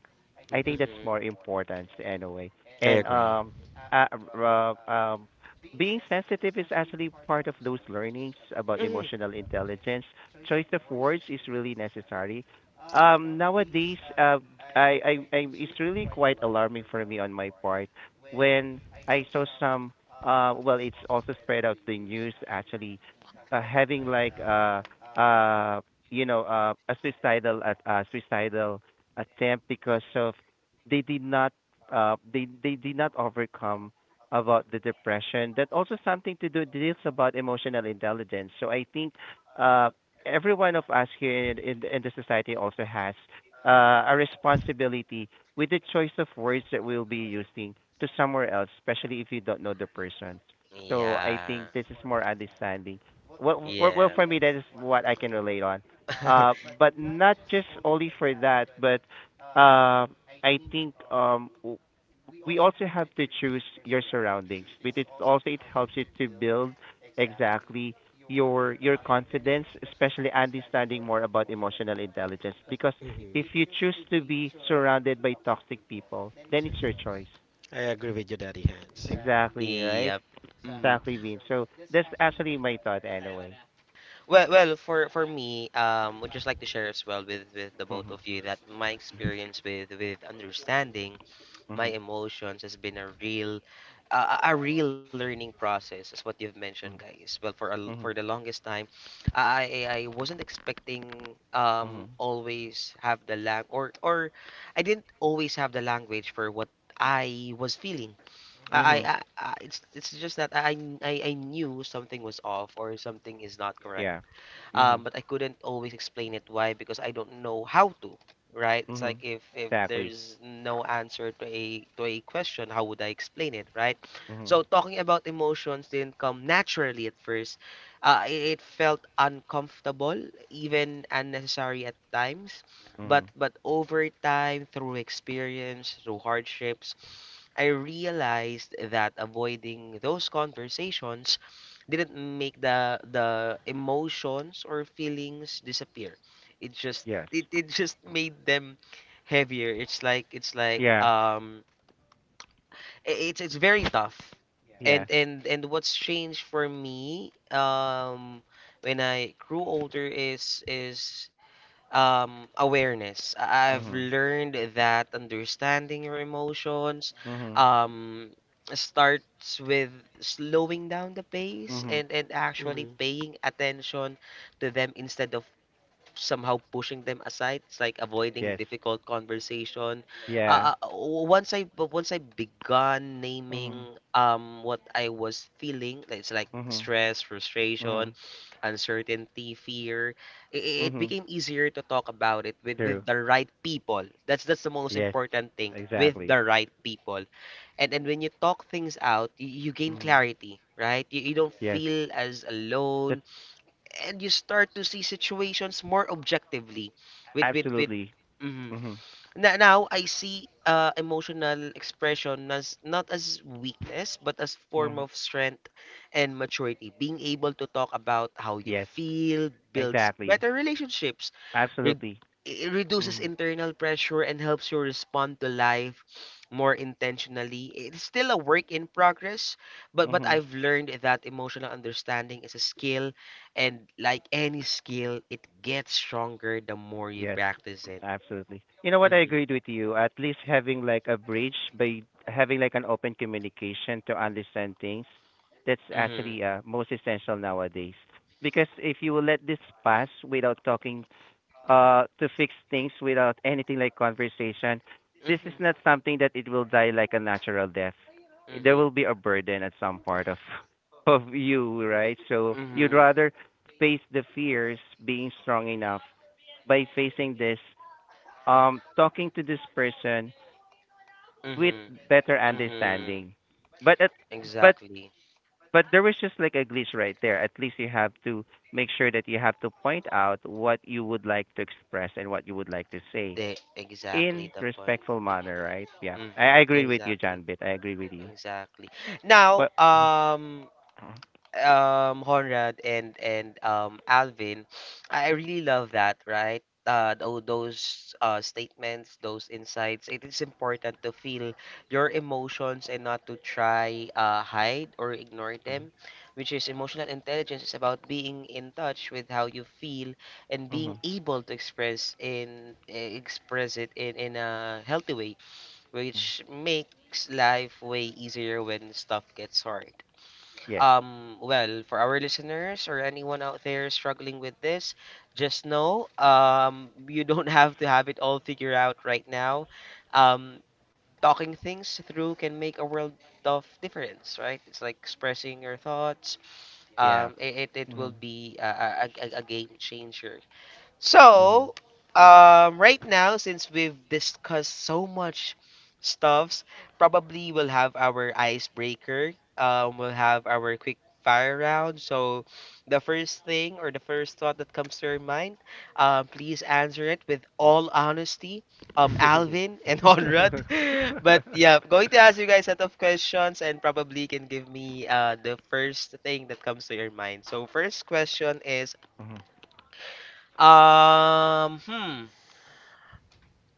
B: I think
C: Mhm.
B: that's
A: Mhm.
B: more important anyway.
C: I
B: And
C: agree.
B: uh, uh, um, being sensitive is actually part of those learnings about
A: Mhm.
B: emotional intelligence. Choice of words is really necessary. Nowadays, I, it's really quite alarming for me on my part when I saw some. Well, it's also spread out the news actually having like uh a suicidal attempt because of they did not they did not overcome about the depression, that also something to do deals about emotional intelligence. So I think uh every one of us here the- in the society also has a responsibility with the choice of words that we'll be using to somewhere else, especially if you don't know the person. So I
A: Yeah.
B: think this is more understanding. Well,
A: Yeah.
B: for me, that is what I can relate on. Uh, but not just only for that, but uh, I think we also have to choose your surroundings. But it's also it helps you to build exactly your confidence, especially understanding more about emotional intelligence. Because if
C: Mhm.
B: you choose to be surrounded by toxic people, then it's your choice.
C: I agree with you, Daddy Hands.
B: Exactly right.
A: Yep. Mhm.
B: Exactly, Vin. So that's actually my thought, anyway.
A: Well, for me, would just like to share as well with the both
B: Hmm.
A: of you that my experience with understanding my emotions has been a real, a real learning process is what you've mentioned,
B: Mhm.
A: guys. Well, for the
B: Mhm.
A: longest time I wasn't expecting,
B: Mhm.
A: always have the lang, or I didn't always have the language for what I was feeling. i i,
B: Mhm.
A: I it's just that I knew something was off, or something is not correct,
B: Yeah. Mhm.
A: but I couldn't always explain it why because I don't know how to, right? It's like,
B: Mhm.
A: if
B: Exactly.
A: there's no answer to a question, how would I explain it, right?
B: Mhm.
A: So talking about emotions didn't come naturally at first. It felt uncomfortable, even unnecessary at times. But
B: Mhm.
A: but over time, through experience, through hardships, I realized that avoiding those conversations didn't make the emotions or feelings disappear. It just
B: Yes.
A: it just made them heavier. It's like it's like
B: Yeah.
A: um i- it's it's very tough.
B: Yeah.
A: And what's changed for me when I grew older is awareness. I've
B: Mhm.
A: learned that understanding your emotions
B: Mhm.
A: um starts with slowing down the pace
B: Mhm.
A: and actually
C: Mhm.
A: paying attention to them instead of somehow pushing them aside. It's like avoiding
B: Yes.
A: difficult conversation.
B: Yeah.
A: Uh, uh, once I but once I began
B: Mhm.
A: naming what I was feeling, like it's like
B: Mhm.
A: stress, frustration,
B: Mhm.
A: uncertainty, fear. It
B: Mhm.
A: became easier to talk about it with
B: True.
A: the right people. That's the most
B: Yes.
A: important thing, with
B: Exactly.
A: the right people. And when you talk things out, you gain
B: Mhm.
A: clarity, right? You don't
B: Yes.
A: feel as
B: That's
A: alone and you start to see situations more objectively with
B: absolutely.
A: mhm.
B: Mhm.
A: Now I see emotional expression as not as weakness but as form
B: Mhm.
A: of strength and maturity. Being able to talk about how you
B: Yes.
A: feel builds
B: Exactly.
A: better relationships, re-
B: Absolutely.
A: it reduces
B: Mhm.
A: internal pressure and helps you respond to life more intentionally. It's still a work in progress, but
B: Mhm.
A: I've learned that emotional understanding is a skill, and like any skill, it gets stronger the more you
B: Yes,
A: practice it.
B: absolutely. You know what? I
A: Mm-hmm.
B: agreed with you. At least having like a bridge by having like an open communication to understand things, that's
A: Mhm.
B: actually most essential nowadays. Because if you will let this pass without talking to fix things without anything like conversation, this is
A: Mhm.
B: not something that it will die like a natural death. There
A: Mhm.
B: will be a burden at some part of of you, right? So you'd
A: Mhm.
B: rather face the fears, being strong enough by facing this, talking to this person with
A: Mhm.
B: better
A: Mhm.
B: understanding, but at but
A: Exactly.
B: but there was just like a glitch right there. At least you have to make sure that you have to point out what you would like to express and what you would like to say
A: The
B: in
A: exactly the point.
B: respectful manner, right? Yeah. I,
A: Mhm.
B: I agree with you,
A: Exactly.
B: John Bit. I agree with you.
A: Exactly. Now,
B: But mhm.
A: Honrad and Alvin, I really love that, right? Those statements, those insights. It is important to feel your emotions and not to try hide or ignore
B: Mhm.
A: them, which is emotional intelligence is about being in touch with how you feel and being
B: Mhm.
A: able to express it in a healthy way,
B: Mhm.
A: which makes life way easier when stuff gets hard.
B: Yes.
A: Well, for our listeners or anyone out there struggling with this, just know you don't have to have it all figured out right now. Um, talking things through can make a world of difference, right? It's like expressing your thoughts.
B: Yeah.
A: It will
B: Mhm.
A: be a game changer.
B: Mhm.
A: So, right now, since we've discussed so much stuffs, probably we'll have our icebreaker. We'll have our quick fire round. So, the first thing or the first thought that comes to your mind, please answer it with all honesty. Alvin and Honrad. But yeah, I'm going to ask you guys a set of questions and probably can give me the first thing that comes to your mind. So, first question is
B: Mhm.
A: um, hmm.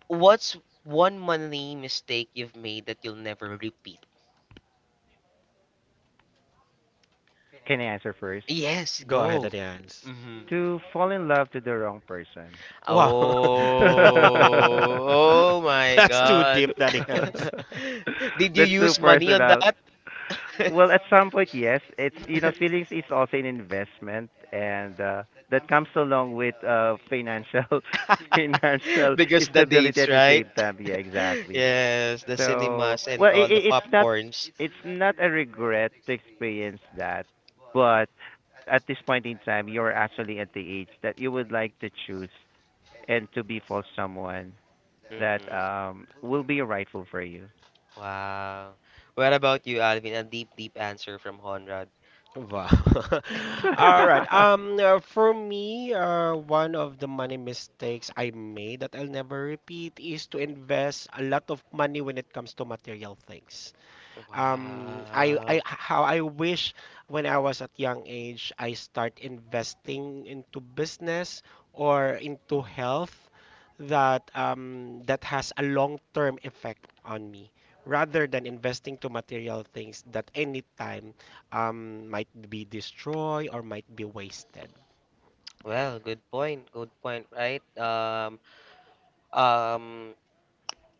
A: What's one money mistake you've made that you'll never repeat?
B: Can I answer first?
A: Yes,
C: Go ahead,
A: go.
C: Daddy Hands.
A: Mm-hmm.
B: To fall in love to the wrong person.
C: Wow.
A: Oh, oh my
C: That's too
A: God.
C: deep, Daddy Hans.
A: Did you
B: That's too
A: use money on
B: personal.
A: that?
B: Well, at some point, yes. It's, you know, feelings is also an investment, and that comes along with financial financial
A: Because the
B: stability
A: dates,
B: at the
A: right?
B: same time. Yeah, exactly.
A: Yes, the
B: So,
A: cinemas and
B: well,
A: all
B: I
A: the popcorns.
B: it's not a regret to experience that, but at this point in time, you're actually at the age that you would like to choose and to be for someone that
A: Mm-hmm.
B: will be rightful for you.
A: Wow. What about you, Alvin? A deep, deep answer from Honrad.
C: Wow. All right. For me, one of the money mistakes I made that I'll never repeat is to invest a lot of money when it comes to material things.
A: Wow.
C: How I wish when I was at young age, I start investing into business or into
B: Mhm.
C: health that that has a long-term effect on me, rather than investing to material things that anytime might be destroyed or might be wasted.
A: Well, good point. Good point, right? Um,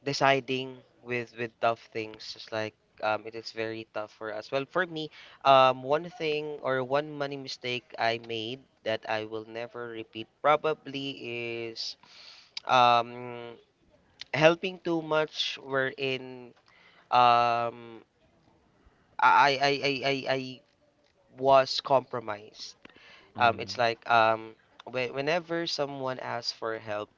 A: deciding with tough things, just like it is very tough for us. Well, for me, one thing or one money mistake I made that I will never repeat probably is um helping too much wherein um I was compromised. It's
B: Mhm.
A: like whenever someone asks for help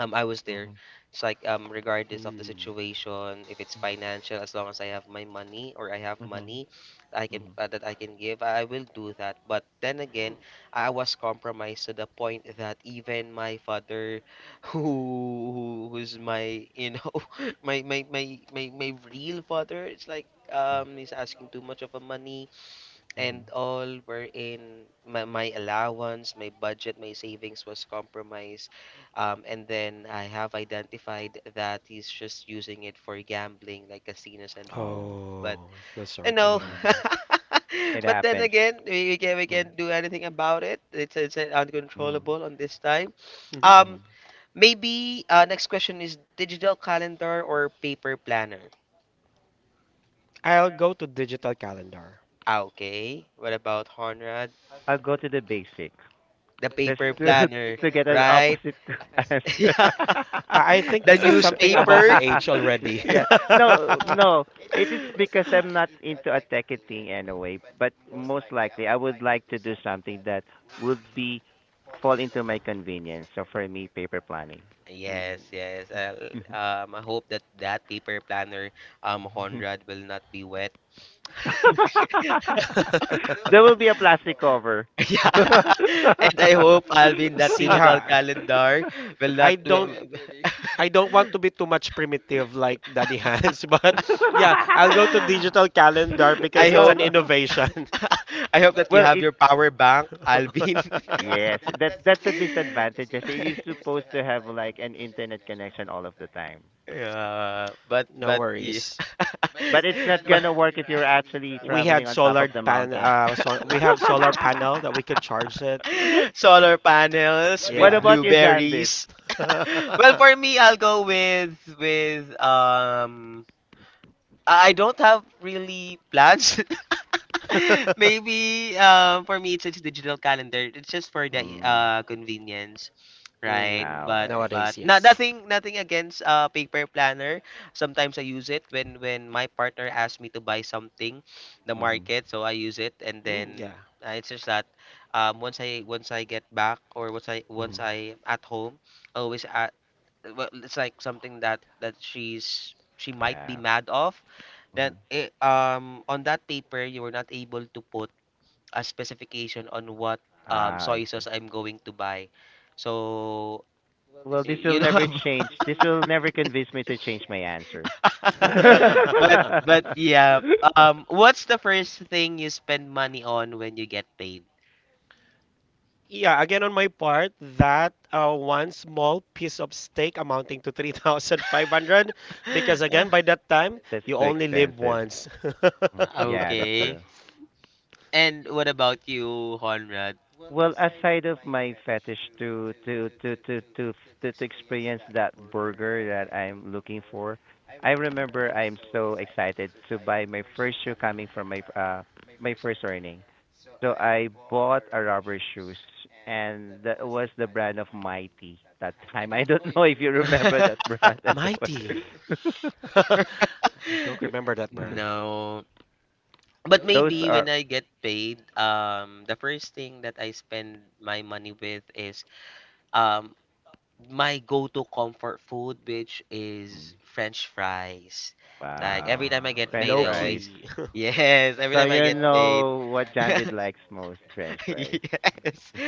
A: I was there. It's like regardless of the
C: Hmm.
A: situation, if it's
B: Mhm.
A: financial, as long as I have my money or I have
B: Mhm.
A: money I can
B: Mhm.
A: that I can give, I will do that. But then again, I was compromised to the point that even my father, who's my you know my my my my real father, it's like
B: Mhm.
A: he's asking too much of a money
B: Mhm.
A: and all wherein my allowance, my budget, my savings was compromised, and then I have identified that he's just using it for gambling like casinos and all,
B: Oh.
A: but
C: Oh, I feel
A: you
C: sorry to
A: know,
C: hear
B: Mhm.
C: that.
B: It
A: but then
B: happens.
A: again, we
B: Mhm.
A: can't do anything about it. It's
B: Mhm.
A: uncontrollable on this time.
C: Hmm.
A: um
B: Mhm.
A: Maybe next question is digital calendar or paper planner?
C: I'll go to digital calendar.
A: Ah, okay, what about Honrad?
B: I'll go to the basic
A: The
B: just
A: paper
B: to
A: planner.
B: to get an
A: Right.
B: opposite answer.
A: Yeah,
C: I think
A: the
C: this is something about the
A: newspaper.
C: age already.
B: Yeah. No, no. It is because I'm not into a techie thing anyway. But most likely, I would like to do something that would be fall into my convenience. So for me, paper planning.
C: Hmm.
A: Yes, yes. I hope that that paper planner, Conrad, will not be wet.
B: There will be a plastic cover.
A: Yeah,
B: Well,
A: and I hope, Alvin, that
C: See
A: digital
C: how.
A: calendar will
C: I
A: not. W-
C: don't,
A: w-
C: I don't want to be too much primitive like Daddy Hans, but yeah, I'll go to digital calendar
A: I
C: because it's
A: hope.
C: an innovation.
A: I hope that you have
B: if
A: your power bank, Alvin.
B: yes, that
C: Yes,
B: that's a disadvantage. I say you're supposed to have like an internet connection all of the time,
A: Yeah, but
C: no
A: yeah.
C: worries.
B: but it's not
A: Ma-
B: gonna work if you're actually
C: We
B: traveling
C: had
B: on top
C: solar
B: of the
C: mountain. Pan,
B: mountain.
C: so we have solar panel that we could charge it.
A: Solar panels with
B: What
C: Yeah.
B: about your Janbit?
A: blueberries. Well, for me, I'll go with I don't have really plans. Maybe for me it's digital calendar. It's just for the
B: Mm,
A: convenience, right?
C: Mm,
B: ah, okay.
A: But
C: nowadays,
A: not
C: yes.
A: nothing against paper planner. Sometimes I use it when my partner asks me to buy something, the
B: Hmm.
A: market, so I use it and
C: Mm,
A: then
C: yeah.
A: it's just that once I get back or
B: Hmm.
A: once I am at home I always well, it's like something that she's she might be
B: Yeah.
A: mad of, then
B: Mhm.
A: it, on that paper you were not able to put a specification on what
B: Ah, I
A: soy sauce
B: see.
A: I'm going to buy. So
B: Well, this will
A: you know
B: never change. This will never convince me to change my answer. That's
A: but yeah, what's the first thing you spend money on when you get paid?
C: Yeah, again on my part, that one small piece of steak amounting to 3,500, because again by that time you
B: too
C: only live
B: expensive.
C: once.
B: Mm. Yeah, that's
A: Okay,
B: true.
A: and what about you, Honrad?
B: Well, aside of my fetish to experience that burger that I'm looking for, I remember I'm so excited to buy my first shoe coming from my my first earning. So I bought a rubber shoes, and that was the brand of Mighty that time. I don't know if you remember that brand anyway.
C: Mighty. I don't remember that brand.
A: No. But
B: Those
A: maybe
B: are
A: when I get paid, the first thing that I spend my money with is um my go-to comfort food, which
B: mm,
A: is French fries. Like every
B: wow,
A: time I
C: Wow.
A: get
B: French
A: paid,
C: Low
A: I
B: fries.
A: always
C: key.
A: yes, every
B: So
A: time I
B: you
A: get paid,
B: know what John Bid likes most, French fries.
A: yes.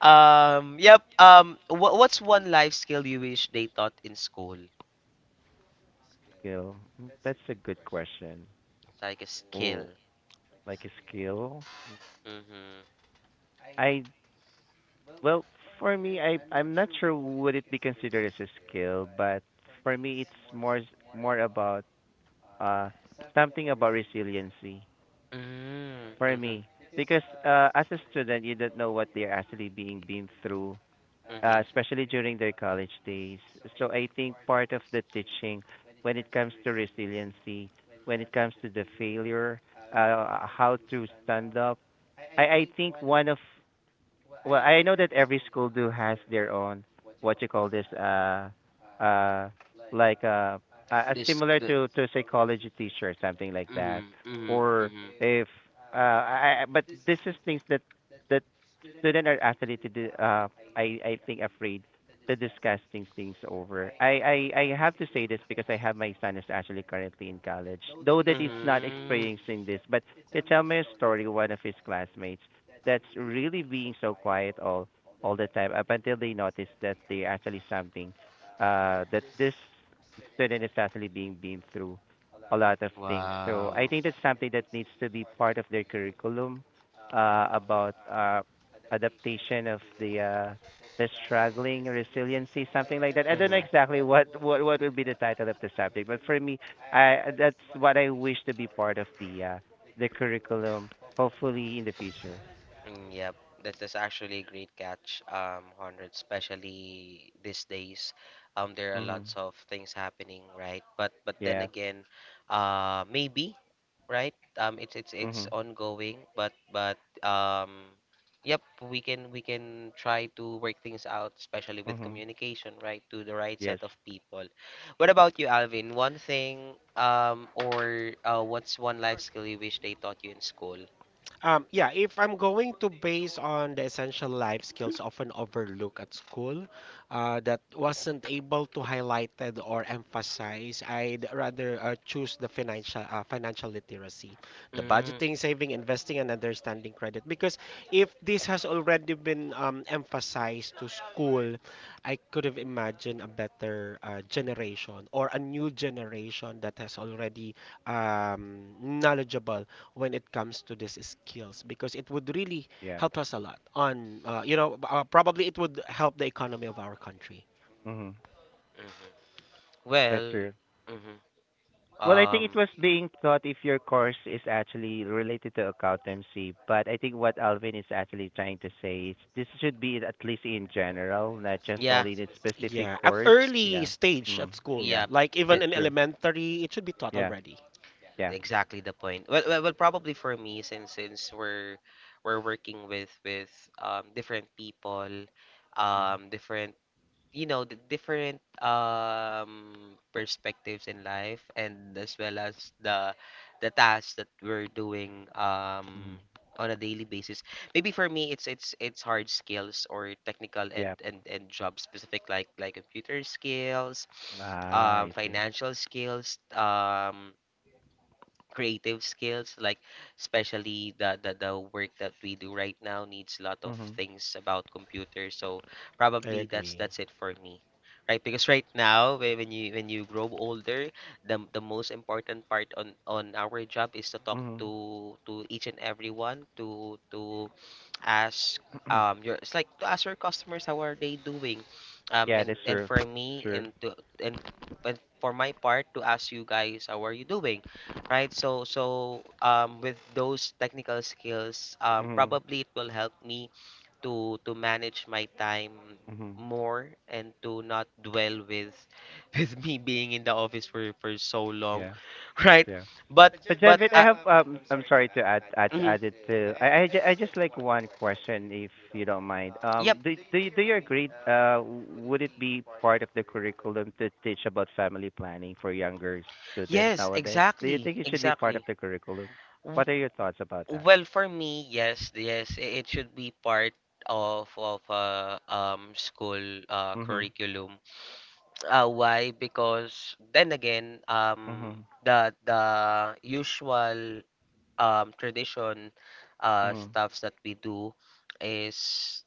A: Yep. What what's one life skill you wish they taught in school?
B: Skill. Mm, that's a good question.
A: Like a skill.
B: Oh, like a skill?
A: Mm-hmm.
B: I Well, for me, I'm not sure would it be considered as a skill, but for me, it's more about uh something about resiliency
A: Mm-hmm.
B: for
A: Mm-hmm.
B: me, because as a student, you don't know what they're actually being been through,
A: Mm-hmm.
B: especially during their college days. So I think part of the teaching when it comes to resiliency, when it comes to the failure, how to stand up. I think one of Well, I know that every school do has their own what you call this uh like uh a
A: This
B: similar
A: the.
B: to psychology teacher something like that.
A: Mm, mm,
B: Or
A: mm,
B: if I I- but this is things that that students are actually to do, I think afraid to discuss things over. I have to say this because I have my son is actually currently in college, though that is not
A: mm.
B: experiencing this. But he tell me a story one of his classmates that's really being so quiet all the time up until they notice that they actually something that this student is actually being been through a lot of things. So I
A: Wow.
B: think that's something that needs to be part of their curriculum, uh, about adaptation of the struggling resiliency, something like that. I don't know
A: Mm.
B: exactly what would be the title of the subject, but for me I that's what I wish to be part of the curriculum, hopefully in the future.
A: Mm, yep, that is actually a great catch, Hundred, especially these days. There are lots
B: Mhm.
A: of things happening, right? But then
B: Yeah.
A: again, maybe, right? It's
B: Mhm.
A: ongoing, but yep, we can try to work things out, especially with
B: Mhm.
A: communication, right, to the right
B: Yes.
A: set of people. What about you, Alvin? One thing, or what's one life skill you wish they taught you in school?
C: Yeah, if I'm going to base on the essential life skills often overlooked at school, that wasn't able to highlighted or emphasize, I'd rather choose the financial literacy, the
A: Mm-hmm.
C: budgeting, saving, investing, and understanding credit. Because if this has already been emphasized to school, I could have imagined a better generation or a new generation that has already knowledgeable when it comes to these skills, because it would really
B: Yeah.
C: help us a lot on probably it would help the economy of our country.
B: Mhm. That's
A: Well,
B: true.
A: mhm,
B: Well, I think it
A: um,
B: was being thought if your course is actually related to accountancy, but I think what Alvin is actually trying to say is this should be at least in general, not just
A: yeah,
B: only the specific
C: Yeah, at
B: course.
A: s-
C: early
B: Yeah.
C: stage
B: Mm.
C: at school,
B: Yeah.
A: yeah,
C: like even
A: p-
B: That's
C: in
B: true.
C: elementary, it should be taught
B: Yeah.
C: already.
B: Yeah.
A: exactly the point. Well, well, well, probably for me, since we're working with different people,
B: Mm-hmm.
A: different you know the different perspectives in life and as well as the tasks that we're doing
B: Mm-hmm.
A: on a daily basis, maybe for me it's it's hard skills or technical and
B: Yeah.
A: and job specific like computer skills,
B: Ah, I see.
A: financial skills, creative skills like, especially the work that we do right now needs a lot of
B: Mhm.
A: things about computers, so
C: I
A: probably
C: agree.
A: that's it for me, right? Because right now when you grow older the most important part on our job is to talk
B: Mhm.
A: to each and everyone, to ask your, it's like to ask your customers how are they doing,
B: Yeah, that's
A: and
B: true.
A: for me,
B: True.
A: and to and, and for my part, to ask you guys how are you doing, right? So so with those technical skills,
B: Mhm.
A: probably it will help me to manage my time
B: Mhm.
A: more, and to not dwell with with me being in the office for so long.
B: Yeah.
A: Right,
B: Yeah.
A: but
B: But
A: but
B: Janvit, I have, I'm sorry to add add
A: mhm.
B: add it to. I just like one question, if you don't mind.
A: Yep.
B: Do you agree, uh, would it be part of the curriculum to teach about family planning for younger students
A: Yes,
B: nowadays? Do you
A: exactly.
B: think it should be part of
A: Exactly.
B: the curriculum? What are your thoughts about that?
A: Well, for me, yes, yes, it should be part of school,
B: Mm-hmm.
A: curriculum. Why? Because then again,
B: Mm-hmm.
A: the usual tradition,
B: Mm-hmm.
A: stuffs that we do is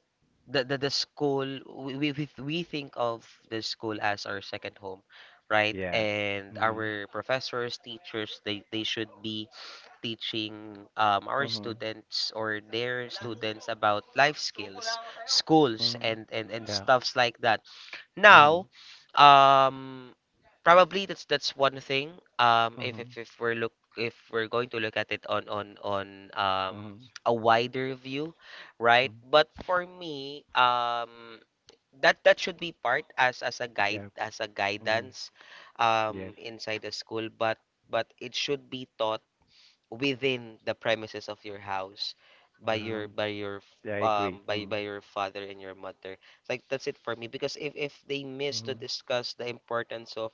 A: the school, we think of the school as our second home, right?
B: Yeah.
A: And
B: Mm-hmm.
A: our professors, teachers, they should be teaching, our
B: Mm-hmm.
A: students, or their
B: Mm-hmm.
A: students, about life skills, schools,
B: Hmm.
A: and and
B: Yeah.
A: stuffs like that.
B: Mm-hmm.
A: Now, um, probably that's one thing.
B: Mm-hmm.
A: If we're look, if we're going to look at it on
B: Mm-hmm.
A: a wider view, right?
B: Mm-hmm.
A: But for me, that that should be part, as a guide,
B: Yeah.
A: as a
B: Mm-hmm.
A: guidance,
B: Yes.
A: inside the school. But it should be taught within the premises of your house by
B: Um,
A: your
B: yeah, I agree. Mm.
A: by your father and your mother, like that's it for me, because if they miss to
B: Mhm.
A: discuss the importance of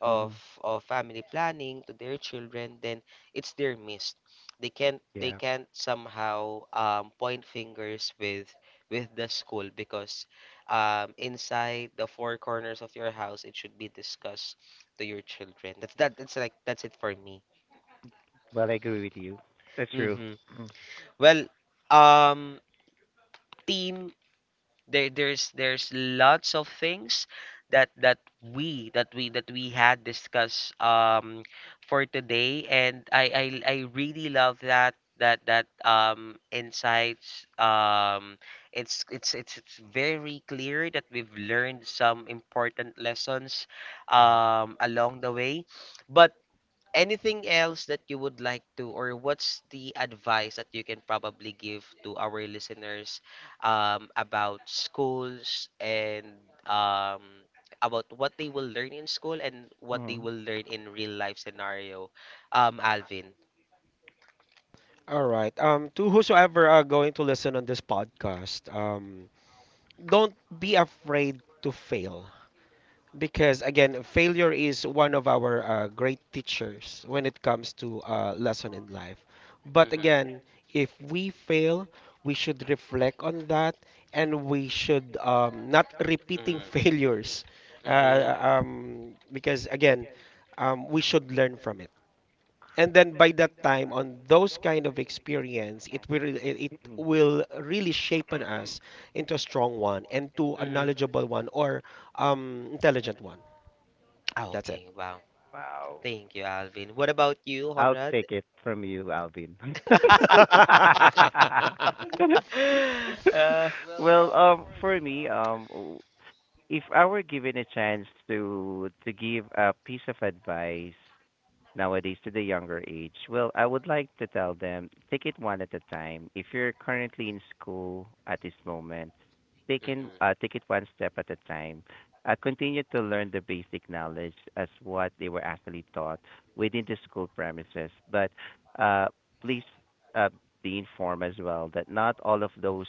A: of
B: Mhm.
A: of family planning to their children, then it's their miss. They
B: Yeah.
A: can't somehow point fingers with the school, because inside the four corners of your house, it should be discussed to your children. That's like that's it for me.
B: Well, I agree with you. That's true.
A: Hmm.
B: Mm.
A: Well, um, team, there's lots of things that that we had discussed for today, and I really love that insights. It's very clear that we've learned some important lessons along the way, but anything else that you would like to, or what's the advice that you can probably give to our listeners about schools and um, about what they will learn in school and what they
B: Mhm.
A: will learn in real life scenario, Alvin.
C: All right, um, to whosoever are going to listen on this podcast, don't be afraid to fail. Because again, failure is one of our great teachers when it comes to lesson in life. But
A: Mm-hmm,
C: again, if we fail, we should reflect on that, and we should not repeating
A: mm-hmm,
C: failures.
A: mm-hmm,
C: Because again, we should learn from it. And then by that time, on those kind of experience, it
B: Mhm.
C: will really shape on us into a strong one and to a
A: mm-hmm.
C: knowledgeable one, or intelligent one.
A: Ah,
C: That's it.
A: okay, wow,
B: Wow.
A: thank you, Alvin. What about you,
B: I'll
A: Conrad?
B: take it from you, Alvin.
C: We
A: uh,
B: Well, for me, if I were given a chance to give a piece of advice nowadays to the younger age, well, I would like to tell them take it one at a time. If you're currently in school at this moment, take in,
A: mhm.
B: take it one step at a time. Continue to learn the basic knowledge as what they were actually taught within the school premises. But uh, please, uh, be informed as well that not all of those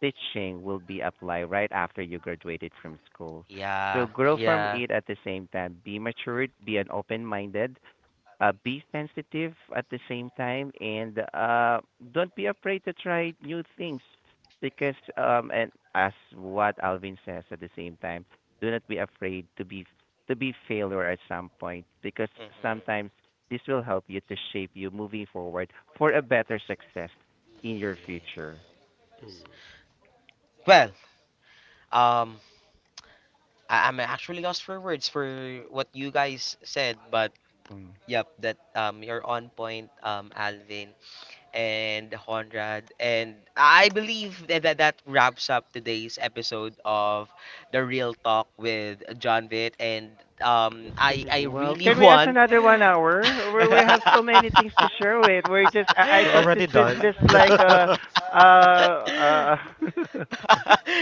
B: teaching will be applied right after you graduated from school. So
A: Yeah,
B: grow from
A: yeah,
B: it at the same time. Be matured, be an open minded, be sensitive at the same time and don't be afraid to try new things because and as what Alvin says at the same time, do not be afraid to be failure at some point, because
A: mm-hmm.
B: sometimes this will help you to shape you moving forward for a better success in your
A: Yeah.
B: future.
A: Well, um, I, I'm actually lost for words for what you guys said, but
B: Mm.
A: yep, that you're on point, Alvin and Conrad, and I believe that that wraps up today's episode of the Real Talk with John Vitt, and I
B: Wow!
A: really
B: Can we ask
A: want
B: another 1 hour? We have so many things to share with. We're just I
C: are
B: thought this
C: already
B: was
C: done.
B: just like a. uh uh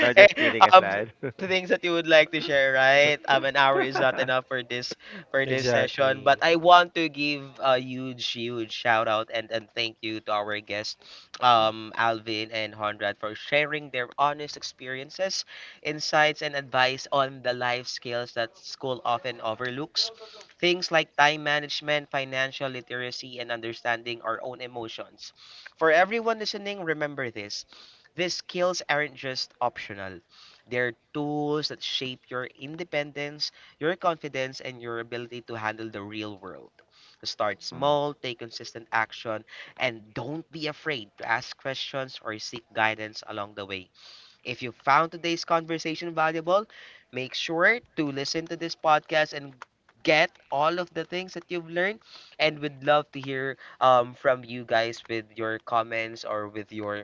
B: No, just
A: Eh,
B: kidding aside.
A: the things that you would like to share, right? An hour is not
B: Oh,
A: enough for this, for this session, but
C: Exactly.
A: I want to give a huge, huge shout out and thank you to our guests, Alvin and Honrad, for sharing their honest experiences, insights, and advice on the life skills that school often overlooks. Things like time management, financial literacy, and understanding our own emotions. For everyone listening, remember this. These skills aren't just optional. They're tools that shape your independence, your confidence, and your ability to handle the real world. Start
B: um,
A: small, take consistent action, and don't be afraid to ask questions or seek guidance along the way. If you found today's conversation valuable, make sure to listen to this podcast and get all of the things that you've learned. And we'd love to hear from you guys with your comments or with your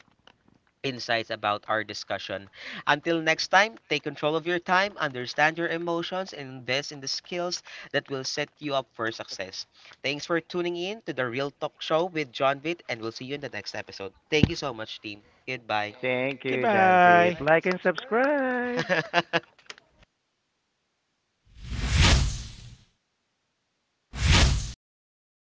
A: insights about our discussion. Until next time, take control of your time, understand your emotions, and invest in the skills that will set you up for success. Thanks for tuning in to the Real Talk Show with John Vitt, and we'll see you in the next episode. Thank you so much, team. Goodbye.
B: thank you,
C: Goodbye.
B: Janvit.
C: Like
B: Like and subscribe.